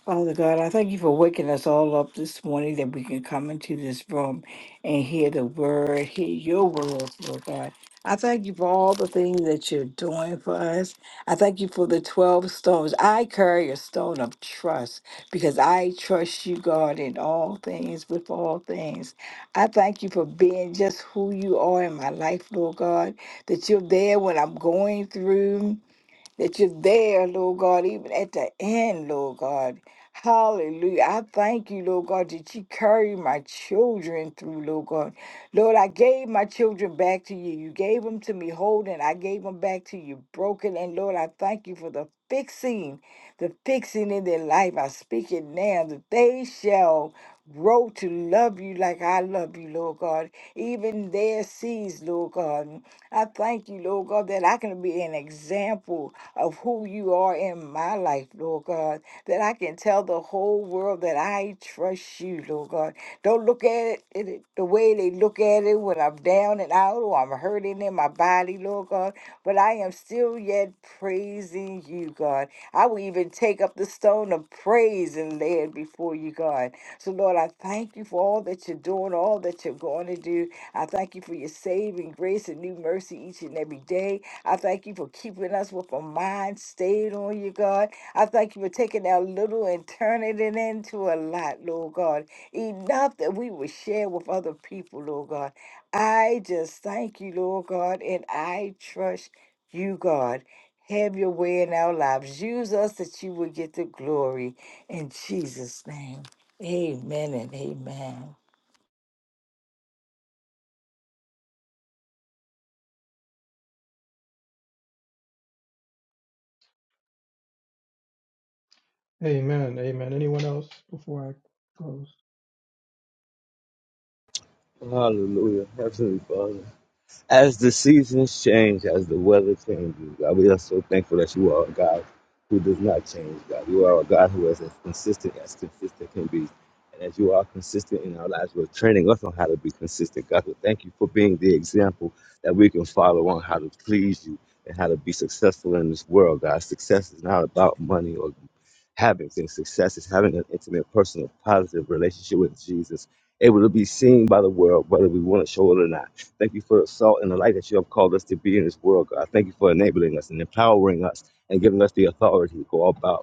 B: Father God, I thank you for waking us all up this morning that we can come into this room and hear the word, hear your word, Lord God. I thank you for all the things that you're doing for us. I thank you for the 12 stones. I carry a stone of trust because I trust you, God, in all things, with all things. I thank you for being just who you are in my life, Lord God, that you're there when I'm going through that you're there, Lord God, even at the end, Lord God. Hallelujah. I thank you, Lord God, that you carry my children through, Lord God. Lord, I gave my children back to you. You gave them to me holding. I gave them back to you broken. And Lord, I thank you for the fixing, the fixing in their life. I speak it now that they shall grow to love you like I love you, Lord God. Even their seeds, Lord God. I thank you, Lord God, that I can be an example of who you are in my life, Lord God, that I can tell the whole world that I trust you, Lord God. Don't look at it in it- the way they look at it when I'm down and out or I'm hurting in my body, Lord God, but I am still yet praising you, God. I will even take up the stone of praise and lay it before you, God. So, Lord, I thank you for all that you're doing, all that you're going to do. I thank you for your saving grace and new mercy each and every day. I thank you for keeping us with a mind stayed on you, God. I thank you for taking our little and turning it into a lot, Lord God. Enough that we will share with other people, Lord God. I just thank you, Lord God, and I trust you, God. Have your way in our lives. Use us that you will get the glory. In Jesus' name, amen and amen.
C: Amen. Amen. Anyone else before I close?
E: Hallelujah. absolutely, Father. As the seasons change, as the weather changes, God, we are so thankful that you are a God who does not change, God. You are a God who is as consistent as consistent can be. And as you are consistent in our lives, you're training us on how to be consistent, God. We thank you for being the example that we can follow on how to please you and how to be successful in this world, God. Success is not about money or having things. Success is having an intimate, personal, positive relationship with Jesus, able to be seen by the world, whether we want to show it or not. Thank you for the salt and the light that you have called us to be in this world, God. Thank you for enabling us and empowering us and giving us the authority to go about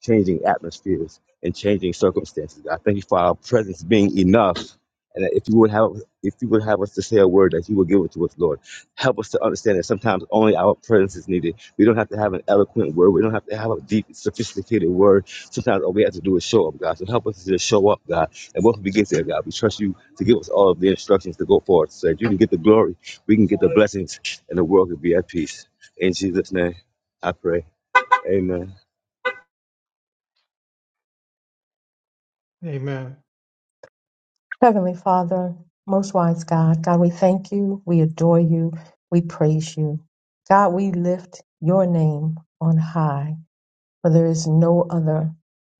E: changing atmospheres and changing circumstances. I thank you for our presence being enough. And that if you would have if you would have us to say a word that you would give it to us, Lord. Help us to understand that sometimes only our presence is needed. We don't have to have an eloquent word. We don't have to have a deep, sophisticated word. Sometimes all we have to do is show up, God. So help us to just show up, God. And once we get there, God, we trust you to give us all of the instructions to go forward. So that you can get the glory, we can get the blessings, and the world can be at peace. In Jesus' name, I pray. Amen.
C: Amen.
J: Heavenly Father, most wise God, God, we thank you, we adore you, we praise you. God, we lift your name on high, for there is no other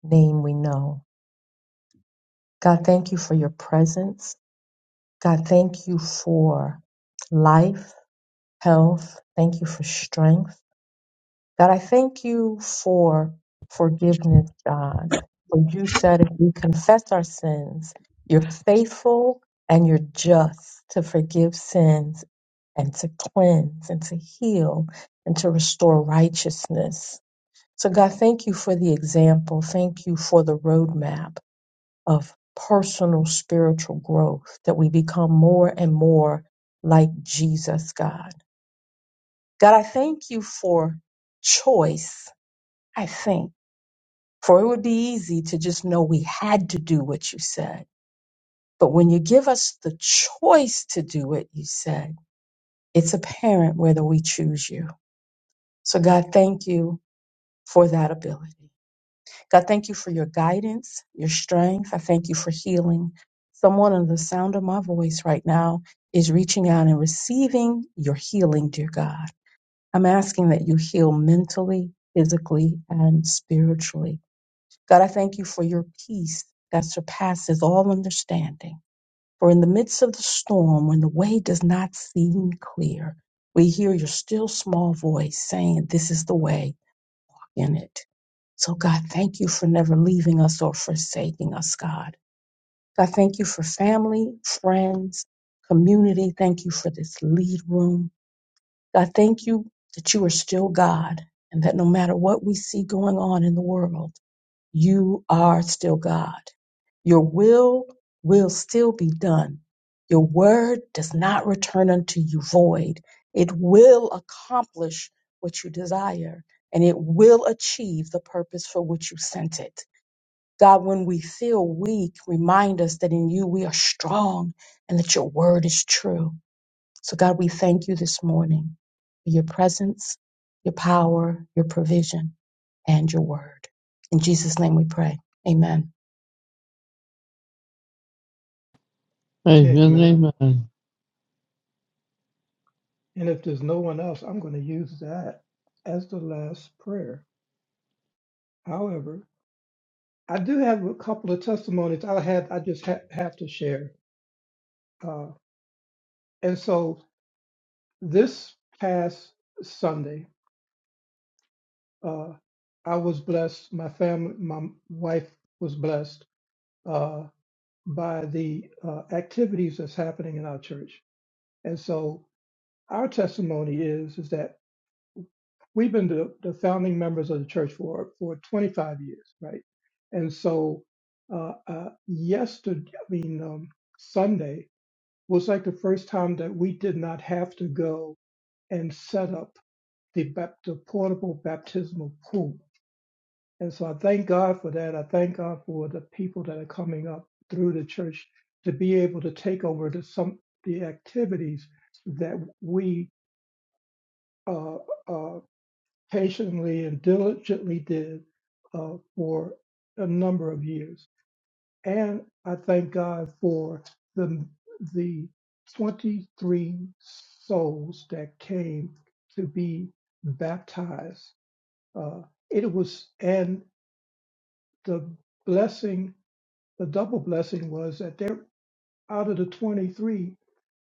J: name we know. God, thank you for your presence. God, thank you for life, health. Thank you for strength. God, I thank you for forgiveness, God. For you said if we confess our sins, you're faithful and you're just to forgive sins and to cleanse and to heal and to restore righteousness. So, God, thank you for the example. Thank you for the roadmap of personal spiritual growth that we become more and more like Jesus, God. God, I thank you for choice. I think. For it would be easy to just know we had to do what you said. But when you give us the choice to do what you said, it's apparent whether we choose you. So, God, thank you for that ability. God, thank you for your guidance, your strength. I thank you for healing. Someone under the sound of my voice right now is reaching out and receiving your healing, dear God. I'm asking that you heal mentally, physically, and spiritually God, I thank you for your peace that surpasses all understanding. For in the midst of the storm, when the way does not seem clear, we hear your still small voice saying, This is the way in it. So, God, thank you for never leaving us or forsaking us, God. God, thank you for family, friends, community. Thank you for this lead room. God, thank you that you are still God and that no matter what we see going on in the world, you are still God. Your will will still be done. Your word does not return unto you void. It will accomplish what you desire and it will achieve the purpose for which you sent it. God, when we feel weak, remind us that in you we are strong and that your word is true. So, God, we thank you this morning for your presence, your power, your provision, and your word. In Jesus' name we pray. Amen.
D: Amen,
C: Amen.
D: amen.
C: And if there's no one else, I'm going to use that as the last prayer. However, I do have a couple of testimonies I had. I just ha- have to share. Uh, and so this past Sunday, uh, I was blessed. My family, my wife was blessed uh, by the uh, activities that's happening in our church. And so our testimony is is that we've been the, the founding members of the church for for 25 years, right? And so, uh, uh, yesterday, I mean um, Sunday was like the first time that we did not have to go and set up the, bap- the portable baptismal pool. And so I thank God for that. I thank God for the people that are coming up through the church to be able to take over the, some the activities that we. uh, uh, patiently and diligently did uh, for a number of years. And I thank God for the the 23 souls that came to be baptized. Uh, it was and the blessing, the double blessing was that there out of the 23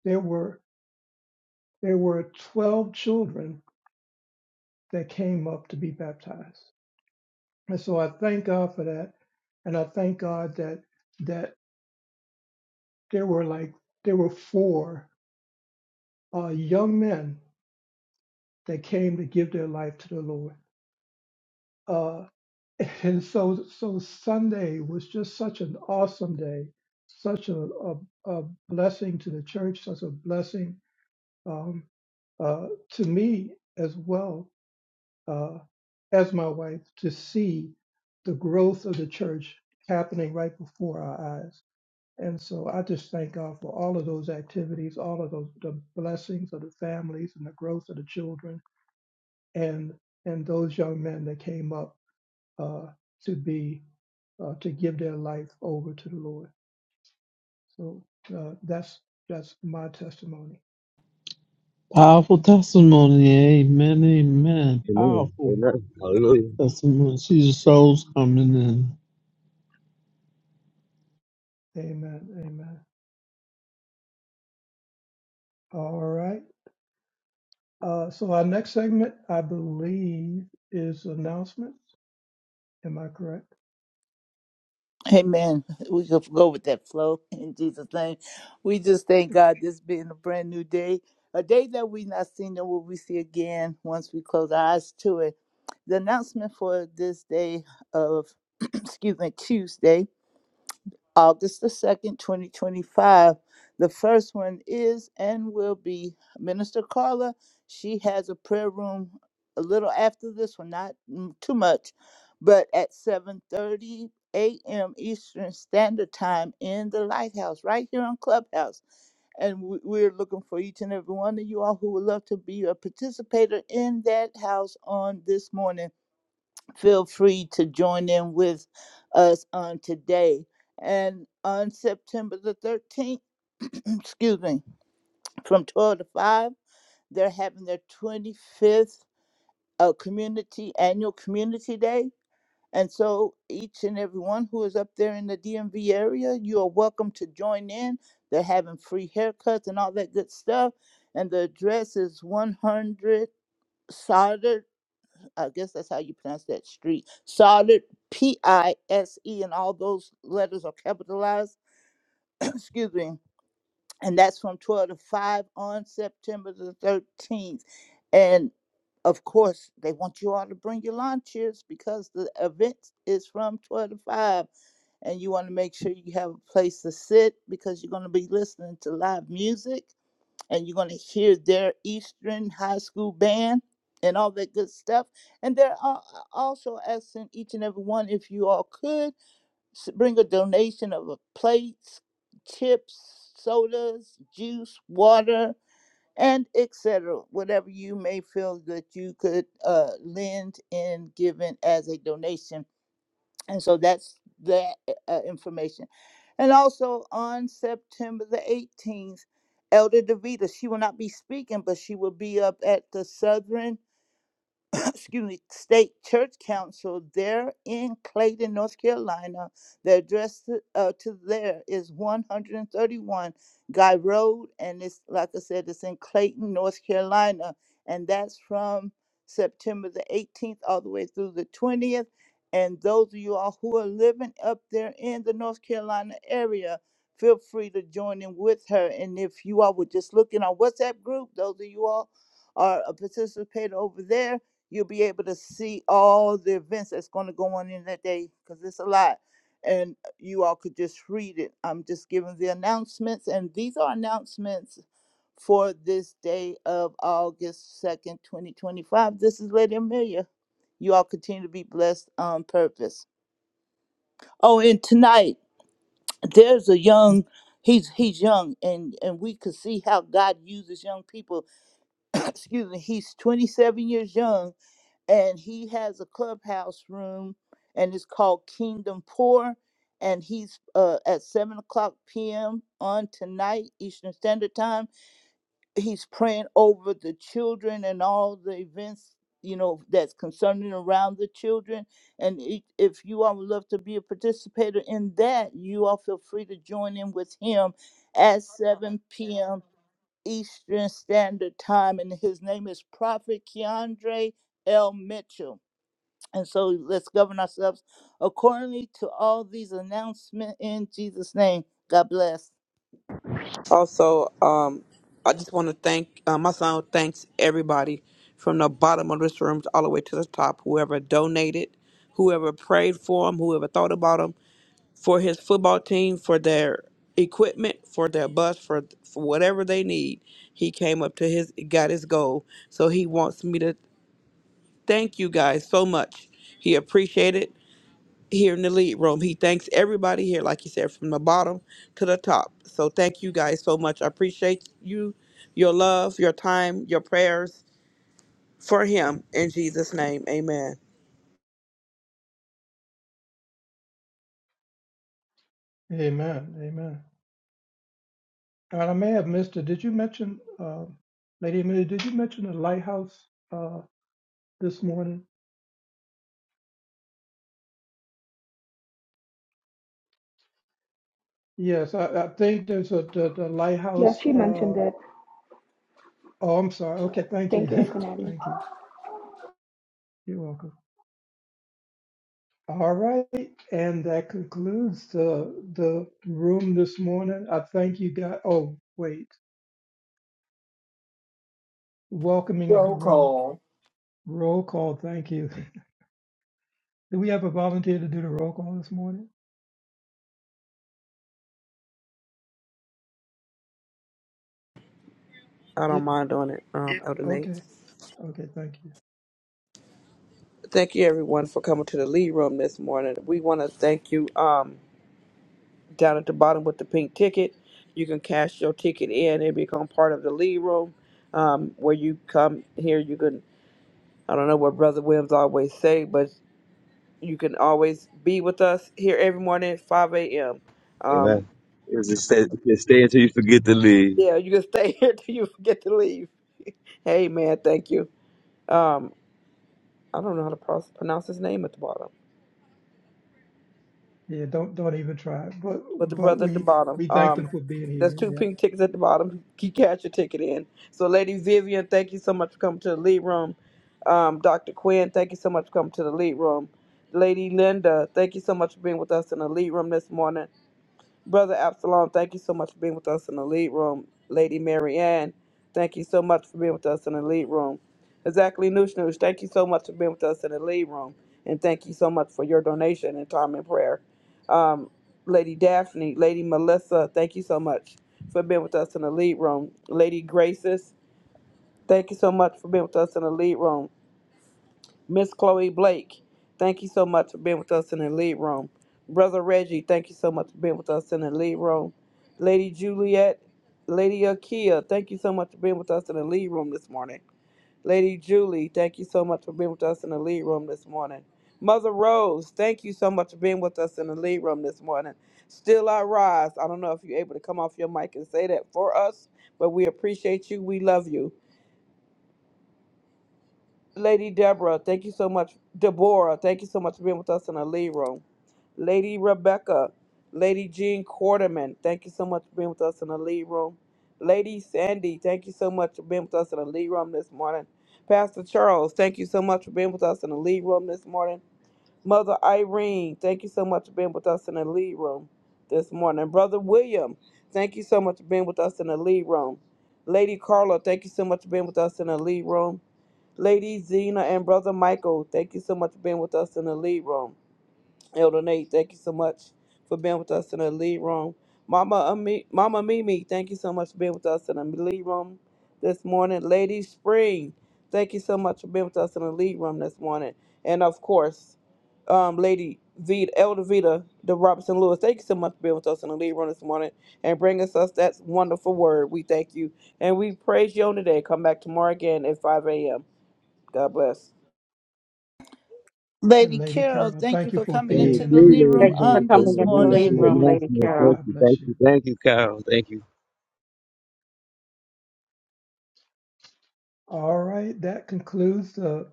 C: there were there were 12 children that came up to be baptized. And so I thank God for that. And I thank God that that there were like there were four uh, young men that came to give their life to the Lord. Uh, and so so Sunday was just such an awesome day, such a, a, a blessing to the church, such a blessing um, uh, to me as well uh, as my wife to see the growth of the church happening right before our eyes And so I just thank God for all of those activities, all of those the blessings of the families and the growth of the children and and those young men that came up uh, to be uh, to give their life over to the Lord. So uh, that's that's my testimony.
D: Powerful testimony. Amen. Amen.
E: Amen.
D: Powerful
E: Amen. Hallelujah.
D: testimony. See the souls coming in.
C: Amen. Amen. All right. Uh, so our next segment, I believe, is announcements. Am I correct?
I: Amen. We could go with that flow in Jesus' name. We just thank God this being a brand new day, a day that we not seen and will we see again once we close our eyes to it. The announcement for this day of, excuse me, Tuesday August the 2nd, 2025. The first one is and will be Minister Carla. She has a prayer room a little after this one, not mm, too much, but at 7:30 a.m. Eastern Standard Time in the Lighthouse right here on Clubhouse. And we- we're looking for each and every one of you all who would love to be a participator in that house on this morning feel free to join in with us on today. And on September the 13th, excuse me, from 12 to 5, they're having their 25th uh, community annual community day. And so each and every one who is up there in the DMV area, you are welcome to join in. They're having free haircuts and all that good stuff. And the address is 100 Solder I guess that's how you pronounce that street. Solid P I S E, and all those letters are capitalized. Excuse me. And that's from 12 to 5 on September the 13th. And of course, they want you all to bring your lawn chairs because the event is from 12 to 5. And you want to make sure you have a place to sit because you're going to be listening to live music and you're going to hear their Eastern High School band and all that good stuff. And they're al- also asking each and every one if you all could s- bring a donation of a plates, chips, sodas, juice, water, and etc. Whatever you may feel that you could uh, lend in giving as a donation and so that's that uh, uh, information. And also on September the 18th, Elder DeVita, she will not be speaking, but she will be up at the Southern excuse me, state church council there in Clayton, North Carolina. The address to, uh, to there is 131 Guy Road, and it's like I said, it's in Clayton, North Carolina, and that's from September the 18th all the way through the 20th. And those of you all who are living up there in the North Carolina area, feel free to join in with her. And if you all were just looking on WhatsApp group, those of you all are a participator over there you'll be able to see all the events that's going to go on in that day because it's a lot and uh, you all could just read it i'm just giving the announcements and these are announcements for this day of august 2nd 2025 this is lady amelia you all continue to be blessed on purpose oh and tonight there's a young he's he's young and and we could see how god uses young people excuse me he's 27 years young and he has a clubhouse room and it's called kingdom Poor. and he's uh, at 7 o'clock p.m on tonight eastern standard time he's praying over the children and all the events you know that's concerning around the children and i- if you all would love to be a participator in that you all feel free to join in with him at 7 p.m eastern standard time and his name is prophet keandre l mitchell and so let's govern ourselves accordingly to all these announcements in Jesus' name. God bless.
F: Also, um, I just want to thank uh, my son. Thanks everybody from the bottom of this room all the way to the top. Whoever donated, whoever prayed for him, whoever thought about him, for his football team, for their equipment, for their bus, for, for whatever they need. He came up to his got his goal. So he wants me to thank you guys so much. He appreciated here in the lead room. He thanks everybody here, like you said, from the bottom to the top. So thank you guys so much. I appreciate you, your love, your time, your prayers for him. In Jesus' name, amen.
C: Amen. Amen. And I may have missed it. Did you mention, uh, Lady Amelia, did you mention the lighthouse uh, this morning? Yes, I, I think there's a the, the
K: Yes,
C: lighthouse.
K: she mentioned
C: Uh, oh,
K: it.
C: I'm sorry. Okay, thank you.
K: Thank you, Kennedy.
C: thank you. You're welcome. All right, and that concludes the the room this morning. I thank you guys. Oh, wait, welcoming of the room. Roll call. Thank you. Do we have a volunteer to do the roll call this morning?
F: I don't
C: Yep.
F: mind doing it, um, Elder Nate.
C: Okay. Okay. Thank you.
F: Thank you, everyone, for coming to the lead room this morning. We want to thank you um, down at the bottom with the pink ticket. You can cash your ticket in and become part of the lead room. Um, where you come here, you can, I don't know what Brother Williams always say, but you can always be with us here every morning at 5 a.m.
E: Amen.
F: Um,
E: It's just stay, just stay until you forget to leave.
F: yeah, you can stay here till you forget to leave. Hey, man, thank you. Um, I don't know how to pro- pronounce his name at the bottom,
C: Yeah, don't don't even try. it. But
F: but the
C: but
F: brother at the
C: we
F: bottom.
C: we thank
F: Um,
C: them for being
F: there's
C: here.
F: two
C: Yep.
F: pink tickets at the bottom. You catch your ticket in. So, Lady Vivian, thank you so much for coming to the lead room. Um, Dr. Quinn, thank you so much for coming to the lead room. Lady Linda, thank you so much for being with us in the lead room this morning. Brother Absalom, thank you so much for being with us in the lead room. Lady Marianne, thank you so much for being with us in the lead room. Exactly Noosh Noosh, thank you so much for being with us in the lead room. And thank you so much for your donation and time and prayer. Um, Lady Daphne, Lady Melissa, thank you so much for being with us in the lead room. Lady Graces, thank you so much for being with us in the lead room. Miss Chloe Blake, thank you so much for being with us in the lead room. Brother Reggie, thank you so much for being with us in the lead room. Lady Juliet, Lady Akia, thank you so much for being with us in the lead room this morning. Lady Julie, thank you so much for being with us in the lead room this morning. Mother Rose, thank you so much for being with us in the lead room this morning. Still I rise. I don't know if you're able to come off your mic and say that for us, but we appreciate you. We love you. Lady Deborah, thank you so much. Deborah, thank you so much for being with us in the lead room. Lady Rebecca, Lady Jean Quarterman, thank you so much for being with us in the lead room. Lady Sandy, thank you so much for being with us in the lead room this morning. Pastor Charles, thank you so much for being with us in the lead room this morning. Mother Irene, thank you so much for being with us in the lead room this morning. Brother William, thank you so much for being with us in the lead room. Lady Carla, thank you so much for being with us in the lead room. Lady Zena and Brother Michael, thank you so much for being with us in the lead room. Elder Nate, thank you so much for being with us in the lead room. Mama, Ami- Mama Mimi, thank you so much for being with us in the lead room this morning. Lady Spring, thank you so much for being with us in the lead room this morning. And of course, um, Lady Vita, Elder Vita, the Robinson Lewis, thank you so much for being with us in the lead room this morning and bringing us that wonderful word. We thank you and we praise you on today. Come back tomorrow again at 5 a.m. God bless.
C: And
I: Lady
C: Lady
I: Carol,
C: Carol,
I: thank you
C: thank you
I: for
C: for
I: coming
C: being
E: Thank
I: into
C: in the
I: the
E: you,
I: Lee
C: lead
E: Lady
I: Room
J: Thank you
C: room
J: for
E: Kyle,
I: on
E: for
J: coming
I: this
E: that
J: into the
C: this
J: lead
I: morning.
E: wonderful
J: room,
C: morning.
J: Lady
E: announcement. Thank
J: Carol.
C: God
E: you, thank
C: bless you.
E: you, thank you, Kyle. Thank you.
C: All right, that concludes the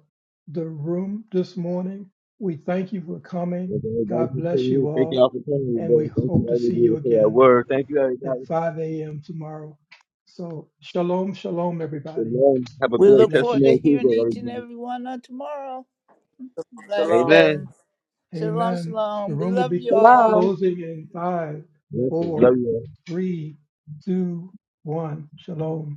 C: the room this morning. We thank you for coming.
E: Thank you, everybody
C: God
E: for
C: bless
E: coming in.
C: you
E: Thank
C: all,
E: y'all for coming
C: and
E: today.
C: we
E: Thank you,
C: hope to see
E: everybody,
C: you
E: for that
C: again
E: word. Thank you,
C: at
E: everybody.
C: 5 a.m. tomorrow. So shalom, shalom, everybody.
E: Amen. Have a
I: We
C: God
E: great
I: look
C: bless
I: forward
C: you.
I: to
E: testimony Tuesday,
I: hearing each and
E: everybody.
I: every one on tomorrow.
F: Shalom.
E: Amen.
I: Blessings. Shalom,
C: Amen. The
I: shalom. We
C: room will
I: love
C: be
I: you all.
J: Hello.
C: closing in five,
E: Listen, Love
C: four,
E: you. all.
C: three, two, one. Shalom.